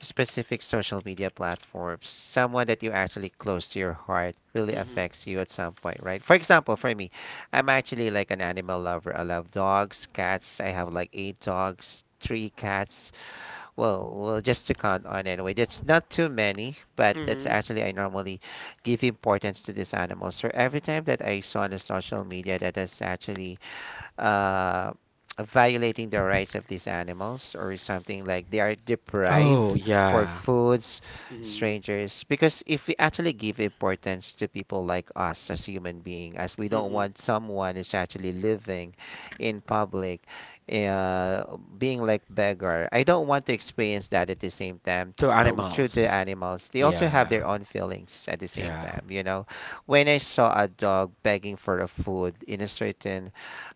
Speaker 1: specific social media platforms. Someone that you actually close to your heart really
Speaker 2: Mhm.
Speaker 1: affects you at some point, right? For example, for me, I'm actually like an animal lover. I love dogs, cats. I have like eight dogs, three cats. Well, well, just to count on anyway. That's not too many, but that's
Speaker 2: Mhm.
Speaker 1: actually I normally give importance to these animals. So every time that I saw on the social media that is actually uh, violating the rights of these animals or something like they are
Speaker 2: Oh,
Speaker 1: deprived for
Speaker 2: yeah.
Speaker 1: foods
Speaker 2: Mhm.
Speaker 1: strangers because if we actually give importance to people like us as human being as we don't
Speaker 2: Mhm.
Speaker 1: want someone who's actually living in public uh, being like beggar I don't want to experience that at the same time
Speaker 2: To
Speaker 1: through the
Speaker 2: animals.
Speaker 1: animals, they also have
Speaker 2: Yeah.
Speaker 1: their own feelings at the same
Speaker 2: Yeah.
Speaker 1: time. You know, when I saw a dog begging for a food in a certain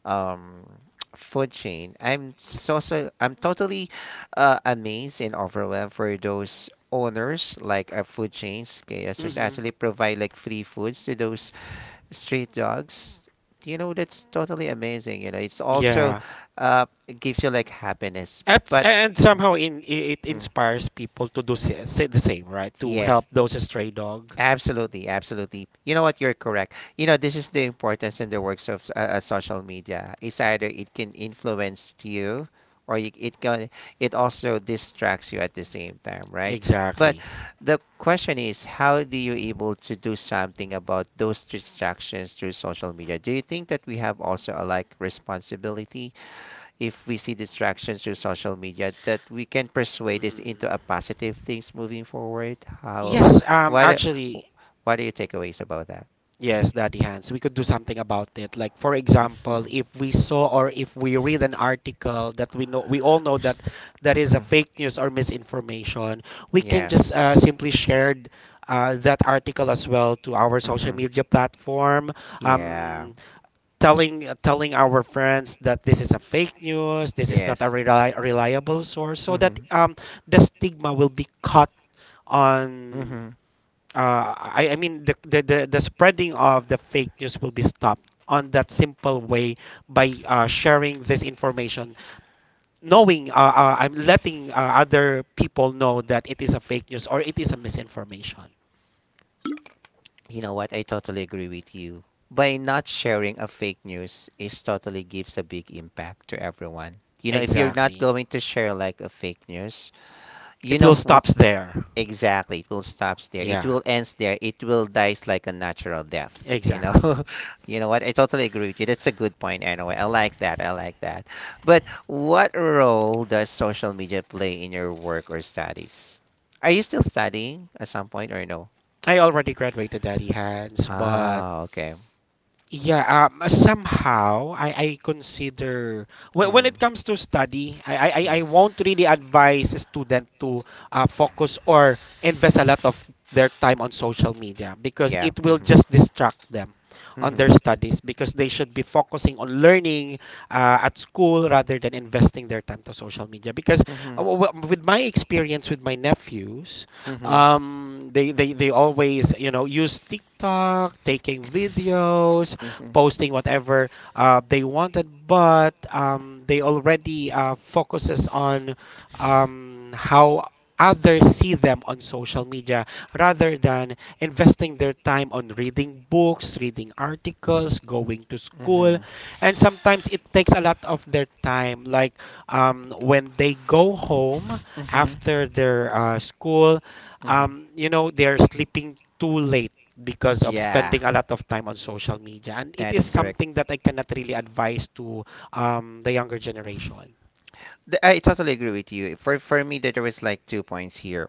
Speaker 1: um, *tsk* food chain, I'm so so I'm totally amazed and overwhelmed for those owners like food chains. KS was
Speaker 2: Mhm.
Speaker 1: actually provide like free foods to those street dogs. You know, that's totally amazing. You know, it's also
Speaker 2: Yeah.
Speaker 1: it gives you like happiness, but.
Speaker 2: And somehow it
Speaker 1: Mhm. Mm.
Speaker 2: inspires people to say the same, right? To help
Speaker 1: Yes,
Speaker 2: those stray dog.
Speaker 1: absolutely, absolutely. You know what? You're correct. You know, this is the importance in the works of social media. It's either it can influence you or it can it also distracts you at the same time, right? But
Speaker 2: Exactly.
Speaker 1: the question is, how do you able to do something about those distractions through social media? Do you think that we have also a like responsibility if we see distractions through social media that we can persuade this
Speaker 2: Mhm.
Speaker 1: into a positive things moving forward how
Speaker 2: Yes,
Speaker 1: what a-
Speaker 2: actually.
Speaker 1: w- what are your takeaways about that
Speaker 2: Yes, Daddy Hans, we could do
Speaker 1: *laughs*
Speaker 2: something about it. Like for example,
Speaker 1: Mhm.
Speaker 2: if we saw or if we read an article that we all know that that is a fake
Speaker 1: *clears throat*
Speaker 2: news or misinformation, we can
Speaker 1: yeah
Speaker 2: just simply share that article as well to our social
Speaker 1: Mhm.
Speaker 2: media platform.
Speaker 1: yeah
Speaker 2: Um, telling our friends that this is a fake news, this is not a
Speaker 1: yes
Speaker 2: reliable source, so that
Speaker 1: hmm
Speaker 2: the stigma will be cut on,
Speaker 1: hmm
Speaker 2: I mean the, the spreading of the fake news will be stopped on that simple way by sharing this information, knowing, I'm letting other people know that it is a fake news or it is a misinformation.
Speaker 1: You know what? I totally agree with you. By not sharing a fake news is totally gives a big impact to everyone. You know, if you're not
Speaker 2: Exactly,
Speaker 1: going to share like a fake news, you
Speaker 2: it
Speaker 1: know
Speaker 2: will stops
Speaker 1: wh-
Speaker 2: there.
Speaker 1: exactly it will stops there. It
Speaker 2: Yeah,
Speaker 1: will ends there. It will dies like a natural death. You
Speaker 2: exactly.
Speaker 1: know, *laughs* you know what? I totally agree with you. That's a good point anyway. I like that. I like that. But what role does social media play in your work or studies? Are you still studying at some point or no?
Speaker 2: I already graduated, Daddy hands but
Speaker 1: Ah, okay.
Speaker 2: yeah, somehow I consider, when
Speaker 1: Hmm.
Speaker 2: it comes to study, I, I, I
Speaker 1: Hmm.
Speaker 2: I won't really advise a student to focus or invest a lot of their time on social media because
Speaker 1: Yeah.
Speaker 2: it will
Speaker 1: Mm-hmm.
Speaker 2: just distract them on
Speaker 1: Mm-hmm.
Speaker 2: their studies, because they should be focusing on learning at school rather than investing their time to social media, because
Speaker 1: Mm-hmm.
Speaker 2: with my experience with my nephews,
Speaker 1: Mm-hmm.
Speaker 2: they always you know use TikTok, taking videos,
Speaker 1: Mm-hmm. Mm-hmm.
Speaker 2: posting whatever they wanted, but they already focuses on how others see them on social media rather than investing their time on reading books, reading articles, going to school,
Speaker 1: Mm-hmm.
Speaker 2: and sometimes it takes a lot of their time. Like, when they go home after their school,
Speaker 1: Mm-hmm.
Speaker 2: they're sleeping too late because of
Speaker 1: Yeah,
Speaker 2: spending a lot of time on social media. And it
Speaker 1: that
Speaker 2: is
Speaker 1: is correct.
Speaker 2: something that I cannot really advise to the younger
Speaker 1: Mm.
Speaker 2: generation.
Speaker 1: I totally agree with you. For me, there was like 2 points here.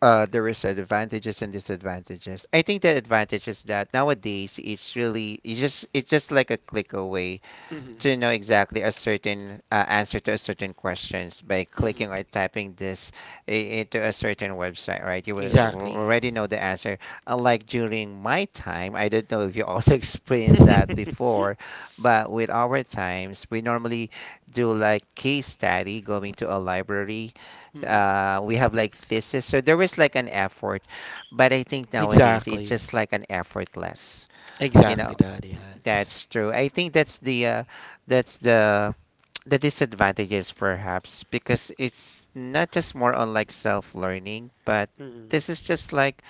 Speaker 1: There is advantages and disadvantages. I think the advantage is that nowadays it's really it's just like a click away
Speaker 2: Hmm.
Speaker 1: to know exactly a certain answer to a certain questions by
Speaker 2: Hmm.
Speaker 1: clicking or typing this into a certain website, right? You will
Speaker 2: Exactly.
Speaker 1: already know the answer. Unlike during my time, I don't know if you also *laughs* experienced that before,
Speaker 2: *laughs*
Speaker 1: but with our times, we normally do like case study, going to a library.
Speaker 2: Mhm.
Speaker 1: We have like thesis, so there was like an effort, but I think nowadays it's
Speaker 2: Exactly.
Speaker 1: just like an effortless. You
Speaker 2: Exactly,
Speaker 1: know,
Speaker 2: Daddy Hans.
Speaker 1: that's true. I think that's the that's the the disadvantages perhaps because it's not just more on like self-learning, but
Speaker 2: Hmm.
Speaker 1: this is just like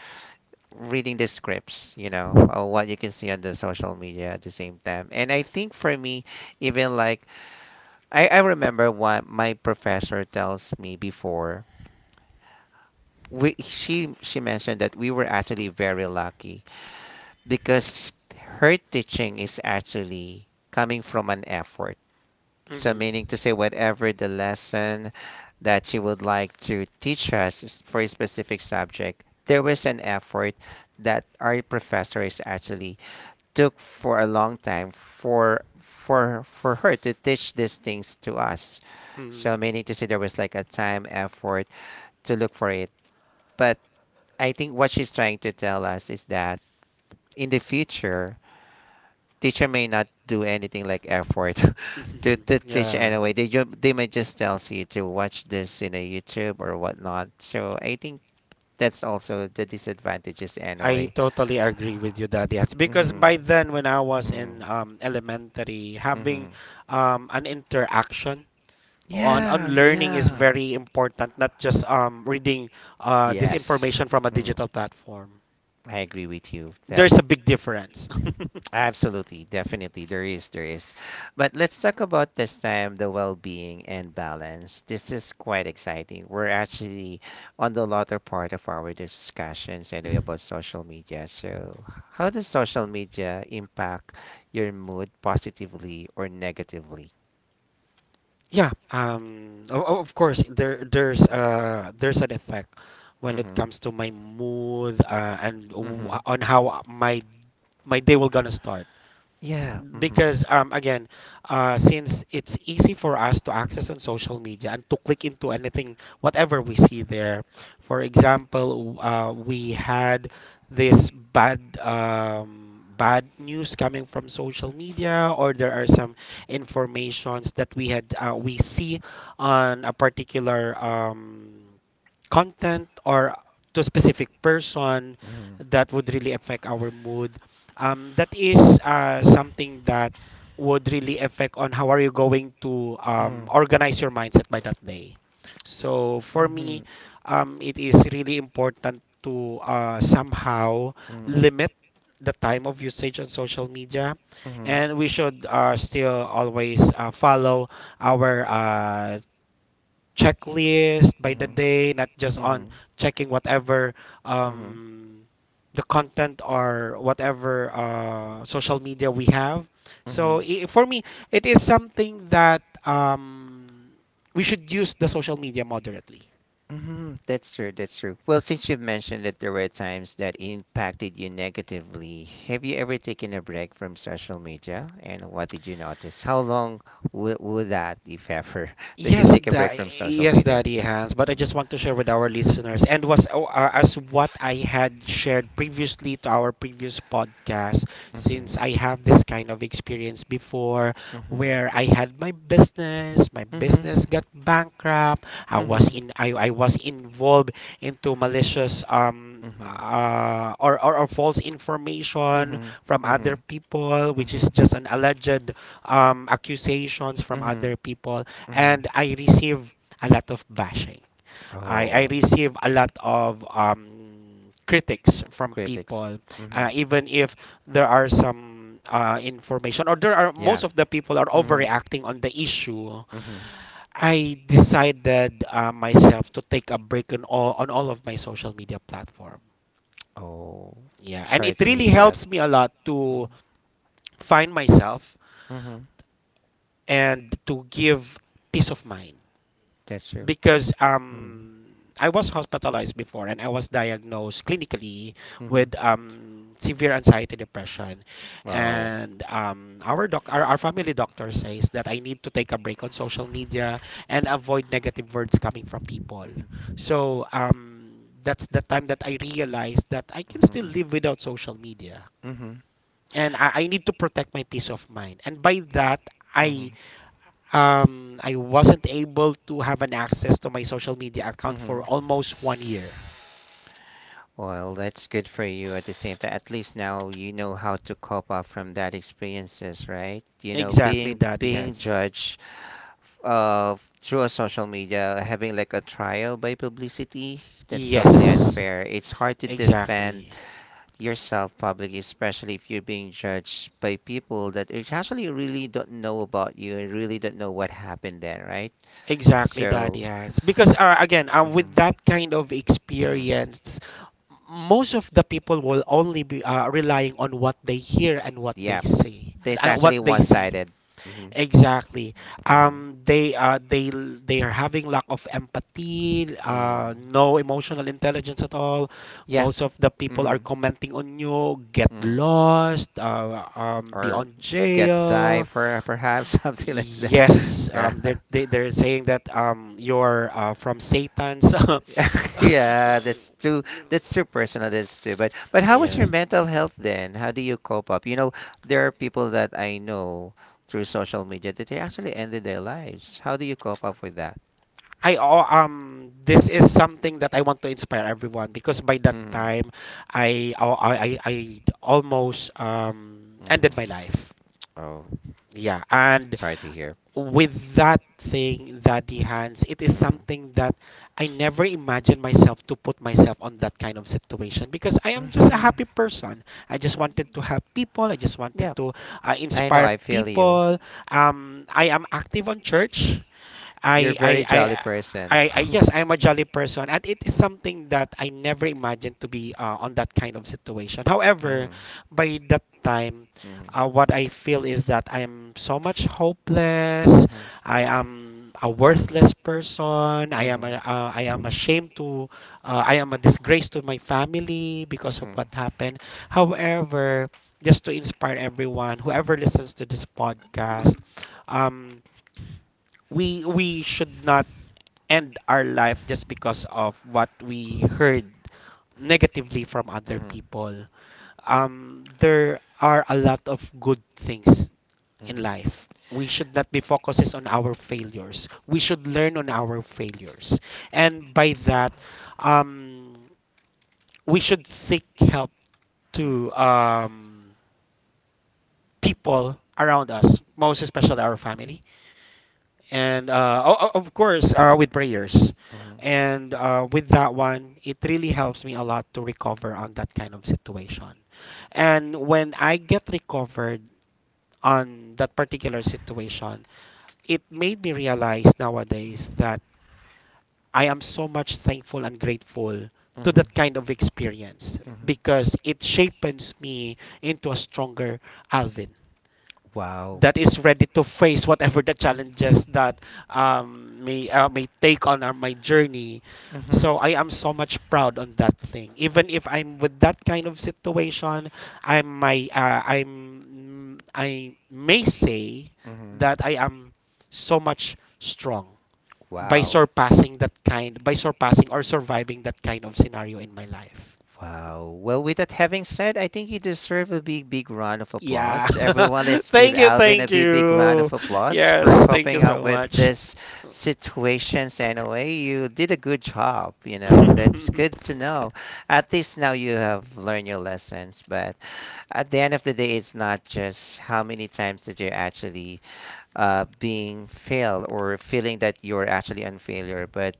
Speaker 1: reading the scripts, you know, or what you can see on the social media at the same time. And I think for me, even like I remember what my professor tells me before. She mentioned that we were actually very lucky because her teaching is actually coming from an effort. So,
Speaker 2: Hmm.
Speaker 1: meaning to say, whatever the lesson that she would like to teach us is for a specific subject, there was an effort that our professors actually took for a long time for her to teach these things to us. So, meaning to say, there was like a time effort to look for it. But I think what she's trying to tell us is that in the future, teacher may not do anything like effort *laughs*
Speaker 2: Hmm.
Speaker 1: to
Speaker 2: *laughs*
Speaker 1: teach
Speaker 2: Yeah.
Speaker 1: anyway they may just tell you to watch this in a youtube or whatnot so I think that's also the disadvantages
Speaker 2: I
Speaker 1: anyway
Speaker 2: totally agree with you, Daddy. It's
Speaker 1: hmm
Speaker 2: because by then, when I was
Speaker 1: hmm
Speaker 2: in elementary, having
Speaker 1: hmm
Speaker 2: an interaction on
Speaker 1: yeah
Speaker 2: learning is
Speaker 1: yeah
Speaker 2: very important. Not just reading this information from a
Speaker 1: Mhm.
Speaker 2: digital platform.
Speaker 1: I agree with you that
Speaker 2: There's a big difference.
Speaker 1: absolutely, definitely, there is, there is. But let's talk about this time the well-being and balance. This is quite exciting. We're actually on the latter part of our discussions anyway about social
Speaker 2: *laughs*
Speaker 1: media. So, how does social media impact your mood positively or negatively?
Speaker 2: Yeah, of course there there's
Speaker 1: Mm-hmm.
Speaker 2: uh there's an effect when it comes to my mood, and
Speaker 1: Mm-hmm.
Speaker 2: w-
Speaker 1: Mm-hmm.
Speaker 2: on how my day will gonna start,
Speaker 1: Yeah. Mm-hmm.
Speaker 2: because again, since it's easy for us to access on social media and to click into anything, whatever we see there. For example, we had this bad news coming from social media, or there are some informations that we see on a particular content or to a specific person
Speaker 1: Mm-hmm.
Speaker 2: that would really affect our mood. That is something that would really affect on how are you going to
Speaker 1: Mm-hmm.
Speaker 2: organize your mindset by that day. So for
Speaker 1: Mm-hmm.
Speaker 2: me, it is really important to somehow
Speaker 1: Mm-hmm.
Speaker 2: limit the time of usage on social media,
Speaker 1: Mm-hmm.
Speaker 2: and we should still always follow our checklist by the
Speaker 1: Mhm.
Speaker 2: day, not just on
Speaker 1: Mhm.
Speaker 2: checking whatever
Speaker 1: Mhm.
Speaker 2: um, the content or whatever social media we have. So
Speaker 1: Mhm.
Speaker 2: I for me, it is something that we should use the social media moderately.
Speaker 1: Mhm. That's true. That's true. Well, since you've mentioned that there were times that impacted you negatively, have you ever taken a break from social media? And what did you notice? How long would that, if ever, *laughs* that you
Speaker 2: Yes,
Speaker 1: take a break
Speaker 2: that
Speaker 1: from social
Speaker 2: yes,
Speaker 1: media?
Speaker 2: Daddy Hans. But I
Speaker 1: Mm.
Speaker 2: just want to share with our listeners, as what I had shared previously to our previous podcast.
Speaker 1: Mhm.
Speaker 2: Since I have this kind of experience before,
Speaker 1: Mhm.
Speaker 2: where I had my
Speaker 1: Mhm.
Speaker 2: business got bankrupt. I was
Speaker 1: Mm-hmm.
Speaker 2: in, I, I was involved into malicious
Speaker 1: Mm-hmm.
Speaker 2: or false information
Speaker 1: Mm-hmm.
Speaker 2: from other people, which is
Speaker 1: Mm-hmm.
Speaker 2: just an alleged accusations from
Speaker 1: Mm-hmm. Mm-hmm.
Speaker 2: other people.
Speaker 1: Mm-hmm.
Speaker 2: And I receive a lot of bashing. I
Speaker 1: Oh,
Speaker 2: receive a lot of critics from
Speaker 1: critics.
Speaker 2: people,
Speaker 1: Mm-hmm.
Speaker 2: even if there are some information, or there are
Speaker 1: Yeah.
Speaker 2: most of the people are
Speaker 1: Mm-hmm.
Speaker 2: overreacting on the issue.
Speaker 1: Mm-hmm.
Speaker 2: I decided myself to take a break on all of my social media platform.
Speaker 1: Oh,
Speaker 2: Yeah, and it
Speaker 1: sorry to
Speaker 2: really
Speaker 1: hear that.
Speaker 2: helps me a lot to find myself
Speaker 1: Mm-hmm.
Speaker 2: and to give peace of mind,
Speaker 1: That's true.
Speaker 2: because
Speaker 1: Mm-hmm.
Speaker 2: I was hospitalized before and I was diagnosed clinically
Speaker 1: Mm-hmm.
Speaker 2: with severe anxiety depression,
Speaker 1: Wow.
Speaker 2: and our family doctor says that I need to take a break on social media and avoid negative words coming from people.
Speaker 1: Mm-hmm.
Speaker 2: So that's the time that I realized that I can still
Speaker 1: Mm-hmm.
Speaker 2: live without social media.
Speaker 1: Mm-hmm.
Speaker 2: And I need to protect my peace of mind. And by that, I
Speaker 1: Mm-hmm.
Speaker 2: I wasn't able to have an access to my social media account
Speaker 1: Mm-hmm.
Speaker 2: for almost one year.
Speaker 1: Well, that's good for you at the same time. At least now you know how to cope up from that experiences, right? You know,
Speaker 2: Exactly,
Speaker 1: being
Speaker 2: Daddy
Speaker 1: being
Speaker 2: Hans.
Speaker 1: judged uh through a social media, having like a trial by publicity, that's totally
Speaker 2: Yes,
Speaker 1: unfair. It's hard to defend
Speaker 2: exactly.
Speaker 1: yourself publicly, especially if you're being judged by people that it actually really don't know about you and really don't know what happened there, right?
Speaker 2: Exactly, Daddy
Speaker 1: So,
Speaker 2: Hans. Because again, with
Speaker 1: mhm,
Speaker 2: that kind of
Speaker 1: mhm,
Speaker 2: experience, most of the people will only be relying on what they hear and what they
Speaker 1: yeah,
Speaker 2: say,
Speaker 1: there's
Speaker 2: and what
Speaker 1: actually
Speaker 2: they
Speaker 1: one
Speaker 2: see.
Speaker 1: sided. Hmm.
Speaker 2: Exactly.
Speaker 1: Hmm.
Speaker 2: They are having lack of empathy,
Speaker 1: Hmm.
Speaker 2: no emotional intelligence at all.
Speaker 1: Yeah.
Speaker 2: Most of the people are
Speaker 1: Hmm.
Speaker 2: commenting on you, get
Speaker 1: Mm.
Speaker 2: lost, be
Speaker 1: Or
Speaker 2: on
Speaker 1: get die
Speaker 2: jail.
Speaker 1: for perhaps *laughs* something like that. *laughs*
Speaker 2: Yes,
Speaker 1: Yeah.
Speaker 2: they're saying that you're from Satan's. *laughs*
Speaker 1: *laughs* Yeah, that's too personal. That's too. But how was your
Speaker 2: Yes.
Speaker 1: mental health then? How do you cope up? You know, there are people that I know through social media that they actually ended their lives. How do you cope up with that?
Speaker 2: This is something that I want to inspire everyone because by that
Speaker 1: Hmm.
Speaker 2: time I oh, I almost ended my
Speaker 1: Hmm.
Speaker 2: life.
Speaker 1: Oh,
Speaker 2: Yeah, and
Speaker 1: sorry to hear.
Speaker 2: with that thing that the hands, it is
Speaker 1: Mm.
Speaker 2: something that I never imagined myself to put myself on that kind of situation because I am just a
Speaker 1: Hmm.
Speaker 2: happy person. I just wanted to help people. I just wanted
Speaker 1: Yeah,
Speaker 2: to
Speaker 1: I know.
Speaker 2: inspire
Speaker 1: I feel you.
Speaker 2: people. I am active on church.
Speaker 1: You're a
Speaker 2: I I
Speaker 1: very jolly
Speaker 2: I
Speaker 1: person.
Speaker 2: I yes,
Speaker 1: *laughs*
Speaker 2: I'm a jolly person, and it is something that I never imagined to be on that kind of situation. However,
Speaker 1: Hmm.
Speaker 2: by that time,
Speaker 1: Hmm. Hmm.
Speaker 2: what I feel is that I am so much hopeless.
Speaker 1: Hmm.
Speaker 2: I am a worthless person. I am
Speaker 1: Hmm.
Speaker 2: a, uh, I am ashamed to. I am a disgrace to my family
Speaker 1: Hmm.
Speaker 2: because of
Speaker 1: Hmm.
Speaker 2: what happened. However, just to inspire everyone, whoever listens to this podcast, um, we should not end our life just because of what we heard negatively from other people. There are a lot of good things in life. We should not be focuses on our failures. We should learn on our failures, and by that, um, we should seek help
Speaker 1: Mhm.
Speaker 2: to people around us, most especially our family, and of course, with prayers,
Speaker 1: Hmm.
Speaker 2: and with that one, it really helps me a lot to recover on that kind of situation. And when I get recovered on that particular situation, it made me realize nowadays that I am so much thankful and grateful to
Speaker 1: Hmm.
Speaker 2: that kind of experience
Speaker 1: Hmm.
Speaker 2: because it shapes me into a stronger Alvin
Speaker 1: Wow.
Speaker 2: that is ready to face whatever the challenges that may take on my journey.
Speaker 1: Hmm.
Speaker 2: So I am so much proud on that thing. Even if I'm with that kind of situation, I may say
Speaker 1: Hmm.
Speaker 2: that I am so much strong by
Speaker 1: Wow.
Speaker 2: surpassing or surviving that kind of scenario in my life.
Speaker 1: Wow. Well, with that having said, I think you deserve a big, big round of
Speaker 2: Of, yeah,
Speaker 1: applause. Everyone,
Speaker 2: applause. *laughs*
Speaker 1: let's give
Speaker 2: Thank you,
Speaker 1: Alvin a
Speaker 2: thank
Speaker 1: big, big round
Speaker 2: you. Wow,
Speaker 1: of applause for
Speaker 2: yes, thank you
Speaker 1: coping up
Speaker 2: so
Speaker 1: with
Speaker 2: much.
Speaker 1: this situations anyway. You did a good job, you know. That's good to know. At least now you have learned your lessons. But at the end of the day, it's not just how many times that you're actually being failed or feeling that you're actually on failure, but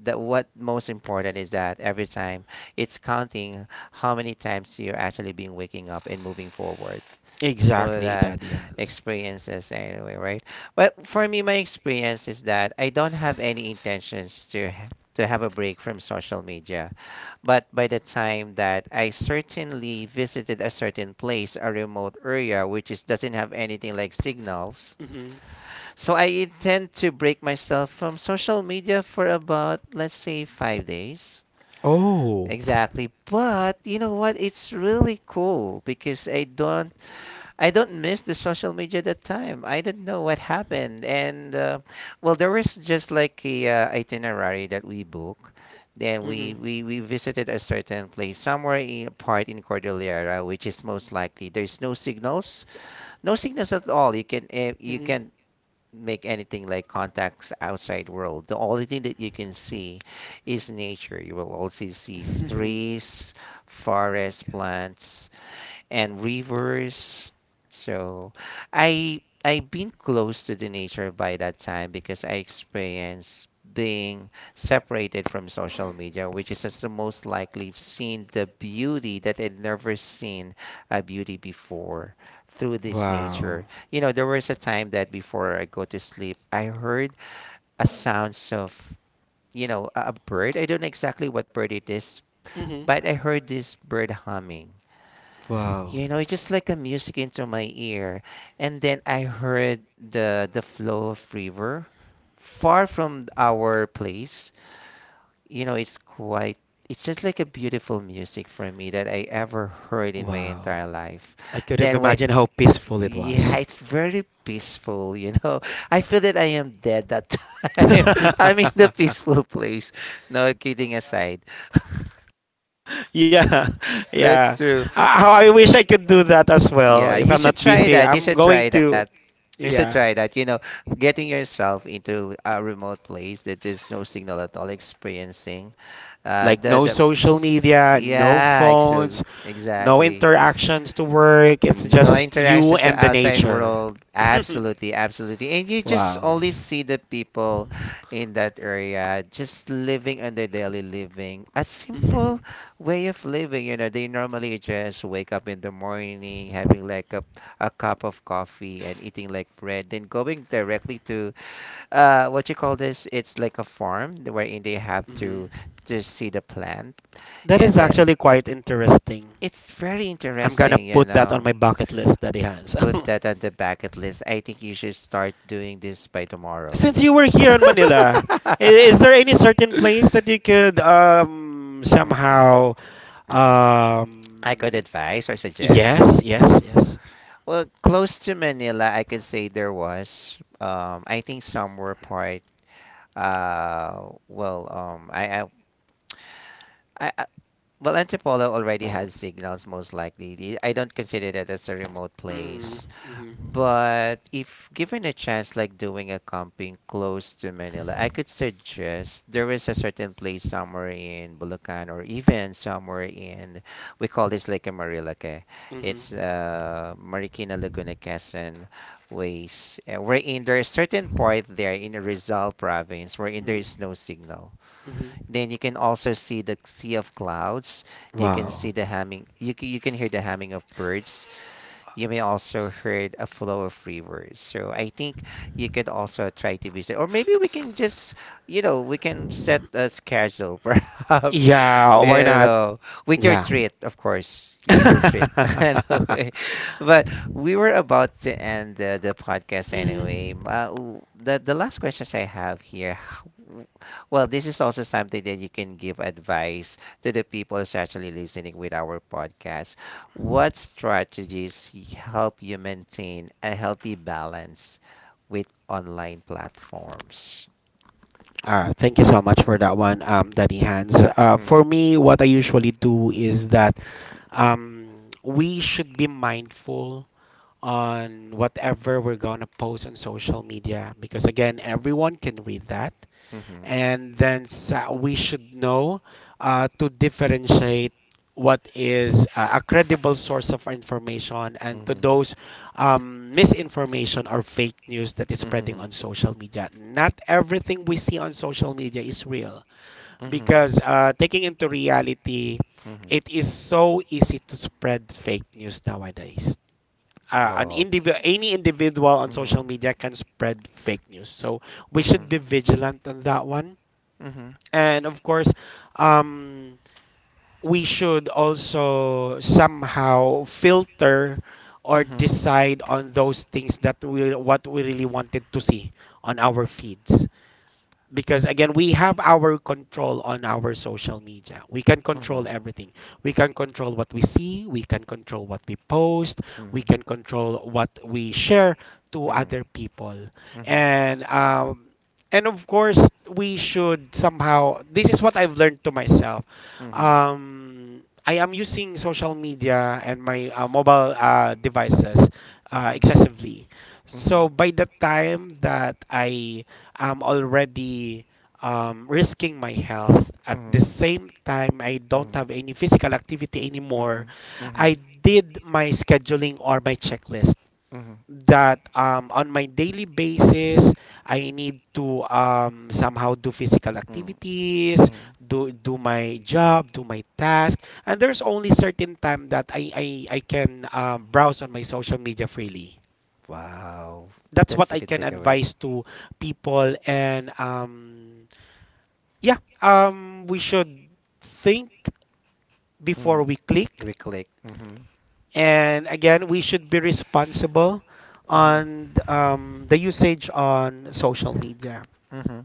Speaker 1: that what most important is that every time it's counting how many times you're actually being waking up and moving forward
Speaker 2: *laughs*
Speaker 1: for
Speaker 2: Exactly,
Speaker 1: that
Speaker 2: Daddy has.
Speaker 1: experiences anyway, right? Well, for me, my experience is that I don't have any intentions to to have a break from social media. But by the time that I certainly visited a certain place, a remote area, which is doesn't have anything like signals,
Speaker 2: Mhm.
Speaker 1: so I intend to break myself from social media for about, let's say, 5 days.
Speaker 2: Oh.
Speaker 1: Exactly. But you know what? It's really cool because I don't miss the social media at that time. I didn't know what happened. And well, there was just like a itinerary that we book. Then
Speaker 2: Mhm.
Speaker 1: we visited a certain place somewhere in a part in Cordillera, which is most likely there's no signals, no signals at all. You can you
Speaker 2: Mhm.
Speaker 1: can make anything like contacts outside world. The only thing that you can see is nature. You will also see trees,
Speaker 2: *laughs*
Speaker 1: forest, plants, and rivers. So I've been close to the nature by that time because I experienced being separated from social media, which is as the most likely seen the beauty that I'd never seen a beauty before through this
Speaker 2: Wow.
Speaker 1: nature. You know, there was a time that before I go to sleep, I heard a sounds of, you know, a bird. I don't know exactly what bird it is,
Speaker 2: Mhm.
Speaker 1: but I heard this bird humming.
Speaker 2: Wow.
Speaker 1: You know, it's just like a music into my ear. And then I heard the flow of river far from our place. You know, it's quite it's just like a beautiful music for me that I ever heard in my
Speaker 2: Wow.
Speaker 1: entire life.
Speaker 2: I could have
Speaker 1: Then when
Speaker 2: imagined how peaceful it
Speaker 1: yeah,
Speaker 2: was.
Speaker 1: it's very peaceful, you know. *laughs* I feel that I am dead that time. *laughs*
Speaker 2: *laughs*
Speaker 1: I'm in the peaceful place. No kidding aside.
Speaker 2: Yeah,
Speaker 1: That's
Speaker 2: yeah.
Speaker 1: true.
Speaker 2: How I wish I could do that as well.
Speaker 1: Yeah,
Speaker 2: If
Speaker 1: you
Speaker 2: I'm
Speaker 1: should
Speaker 2: not
Speaker 1: try
Speaker 2: busy,
Speaker 1: that. You
Speaker 2: I'm
Speaker 1: should try
Speaker 2: going
Speaker 1: that.
Speaker 2: to.
Speaker 1: You should
Speaker 2: Yeah,
Speaker 1: try that. You know, getting yourself into a remote place that there's no signal at all, experiencing
Speaker 2: like no
Speaker 1: the
Speaker 2: social media, no
Speaker 1: yeah,
Speaker 2: phones, no
Speaker 1: exactly.
Speaker 2: interactions to work. It's
Speaker 1: No
Speaker 2: just
Speaker 1: interaction
Speaker 2: you
Speaker 1: to
Speaker 2: and the
Speaker 1: outside
Speaker 2: nature.
Speaker 1: world.
Speaker 2: *laughs*
Speaker 1: Absolutely, absolutely. And you just
Speaker 2: Wow.
Speaker 1: only see the people in that area just living on their daily living. A
Speaker 2: Mhm.
Speaker 1: simple way of living. You know, they normally just wake up in the morning, having like a cup of coffee and eating like bread, then going directly to what you call this? It's like a farm wherein they have
Speaker 2: Mhm.
Speaker 1: to see the plant,
Speaker 2: That
Speaker 1: and
Speaker 2: is
Speaker 1: then
Speaker 2: actually quite interesting.
Speaker 1: it's very
Speaker 2: I'm gonna
Speaker 1: interesting. You
Speaker 2: put that on
Speaker 1: know,
Speaker 2: my bucket list, Daddy Hans. *laughs*
Speaker 1: put that on the bucket list. I think you should start doing this by tomorrow.
Speaker 2: Since you were here in Manila, i-
Speaker 1: *laughs*
Speaker 2: is there any certain place that you could
Speaker 1: Mhm,
Speaker 2: somehow
Speaker 1: mhm.
Speaker 2: um
Speaker 1: I could advise or suggest.
Speaker 2: yes, yes, yes.
Speaker 1: Well, close to Manila, I could say there was. I think somewhere part. Uh, well, um, I, I, I, I- well, Antipolo already has signals most likely. I don't consider that as a remote
Speaker 2: Mm,
Speaker 1: place.
Speaker 2: mhm,
Speaker 1: But if given a chance, like doing a camping close to Manila, I could suggest there is a certain place somewhere in Bulacan or even somewhere in, we call this Lake Marilaque.
Speaker 2: mhm,
Speaker 1: It's Marikina Laguna Quezon ways, wherein there is certain part there in Rizal province wherein there is
Speaker 2: mhm,
Speaker 1: no signal.
Speaker 2: mhm.
Speaker 1: Then you can also see the sea of clouds. You can see
Speaker 2: Wow.
Speaker 1: the humming. You can hear the humming of birds. You may also heard a flow of free words. So I think you could also try to visit, or maybe we can just, you know, we can set a schedule, *laughs* perhaps,
Speaker 2: Yeah,
Speaker 1: you
Speaker 2: why not?
Speaker 1: know, with your
Speaker 2: Yeah.
Speaker 1: treat, of course, you with your treat.
Speaker 2: *laughs*
Speaker 1: *laughs* Anyway, but we were about to end the podcast anyway.
Speaker 2: Mhm.
Speaker 1: The last questions I have here, *sighs* h- well, this is also something that you can give advice to the people who's actually listening with our podcast. What strategies help you maintain a healthy balance with online platforms?
Speaker 2: All right, thank you so much for that one, Daddy Hans. Uh,
Speaker 1: Mm.
Speaker 2: for me, what I usually do is that um, we should be mindful on whatever we're gonna post on social media because again, everyone can read that.
Speaker 1: Hmm.
Speaker 2: And then we should know to differentiate what is a credible source of information and to those misinformation or fake news that is
Speaker 1: Hmm.
Speaker 2: spreading
Speaker 1: Hmm.
Speaker 2: on social media. Not everything we see on social media is real
Speaker 1: Hmm.
Speaker 2: because taking into reality,
Speaker 1: Hmm.
Speaker 2: it is so easy to spread fake news nowadays. An
Speaker 1: Oh.
Speaker 2: individual, any individual on social media can spread fake news. So we
Speaker 1: Hmm. Hmm.
Speaker 2: should be vigilant on that one.
Speaker 1: Mm-hmm.
Speaker 2: And of course, um, we should also somehow filter or
Speaker 1: Mm-hmm.
Speaker 2: decide on those things that we what we really wanted to see on our feeds, because again, we have our control on our social media. We can
Speaker 1: Mm-hmm.
Speaker 2: control everything. We can control what we see. We can control what we post. We can control what we share to other people.
Speaker 1: Mm-hmm. Mm-hmm.
Speaker 2: And um and of course, we should somehow. This is what I've learned to myself.
Speaker 1: Mm-hmm. Mm-hmm.
Speaker 2: I am using social media and my mobile devices excessively,
Speaker 1: Mm-hmm.
Speaker 2: so by the time that I'm already risking my health. At
Speaker 1: Mm-hmm.
Speaker 2: the
Speaker 1: Mm-hmm.
Speaker 2: same time, I don't have any physical activity anymore.
Speaker 1: Mm-hmm. Mm-hmm.
Speaker 2: I did my scheduling or my
Speaker 1: Mm-hmm.
Speaker 2: checklist that on my daily basis, I need to somehow do physical
Speaker 1: Mm-hmm.
Speaker 2: activities,
Speaker 1: Mm-hmm.
Speaker 2: do my job, do my task, and there's only certain time that I can browse on my social media freely.
Speaker 1: Wow,
Speaker 2: That's what
Speaker 1: that's a
Speaker 2: I
Speaker 1: good
Speaker 2: can
Speaker 1: takeaways.
Speaker 2: advise to people and yeah, we should think before
Speaker 1: Mm,
Speaker 2: we click,
Speaker 1: we click. Mm-hmm.
Speaker 2: and again, we should be responsible
Speaker 1: Mm-hmm.
Speaker 2: on the usage on social media.
Speaker 1: Mm-hmm.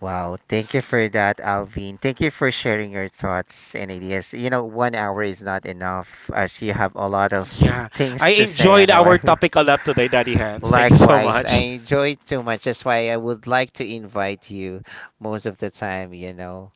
Speaker 1: Wow, thank you for that, Alvin. Thank you for sharing your thoughts and ideas. You know, one hour is not enough as you have a lot of
Speaker 2: Yeah, I
Speaker 1: things to say. I
Speaker 2: enjoyed
Speaker 1: know.
Speaker 2: our
Speaker 1: *laughs*
Speaker 2: topic a lot today, Daddy Hands. Thank you so
Speaker 1: Likewise, I
Speaker 2: much.
Speaker 1: enjoy it too much. That's why I would like to invite you most of the time, you know.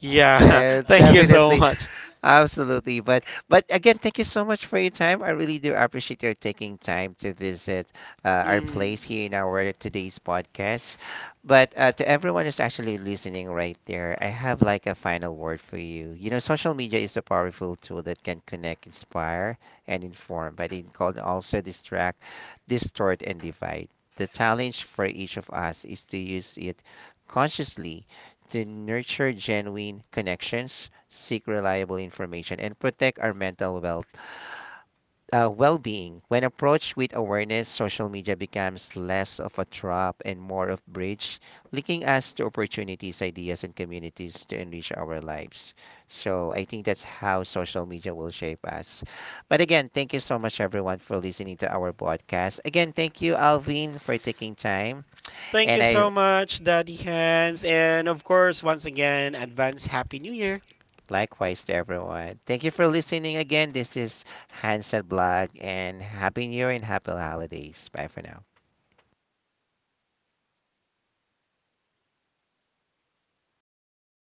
Speaker 2: Yeah, *laughs* thank you so
Speaker 1: Definitely
Speaker 2: much.
Speaker 1: absolutely. But again, thank you so much for your time. I really do appreciate your taking time to visit our
Speaker 2: Mm.
Speaker 1: place here in our today's podcast. But to everyone who's actually listening right there, I have like a final word for you. You know, social media is a powerful tool that can connect, inspire, and inform, but it can also distract, distort, and divide. The challenge for each of us is to use it consciously to nurture genuine connections seek reliable information, and protect our mental wealth, well-being. When approached with awareness, social media becomes less of a trap and more of bridge, linking us to opportunities, ideas, and communities to enrich our lives. So I think that's how social media will shape us. But again, thank you so much, everyone, for listening to our podcast. Again, thank you, Alvin, for taking time,
Speaker 2: Thank
Speaker 1: and
Speaker 2: you
Speaker 1: I
Speaker 2: so much, Daddy Hands, and of course, once again, advance Happy New Year.
Speaker 1: likewise to everyone. Thank you for listening again. This is Hansen Blog, and Happy New Year and Happy Holidays. Bye for now.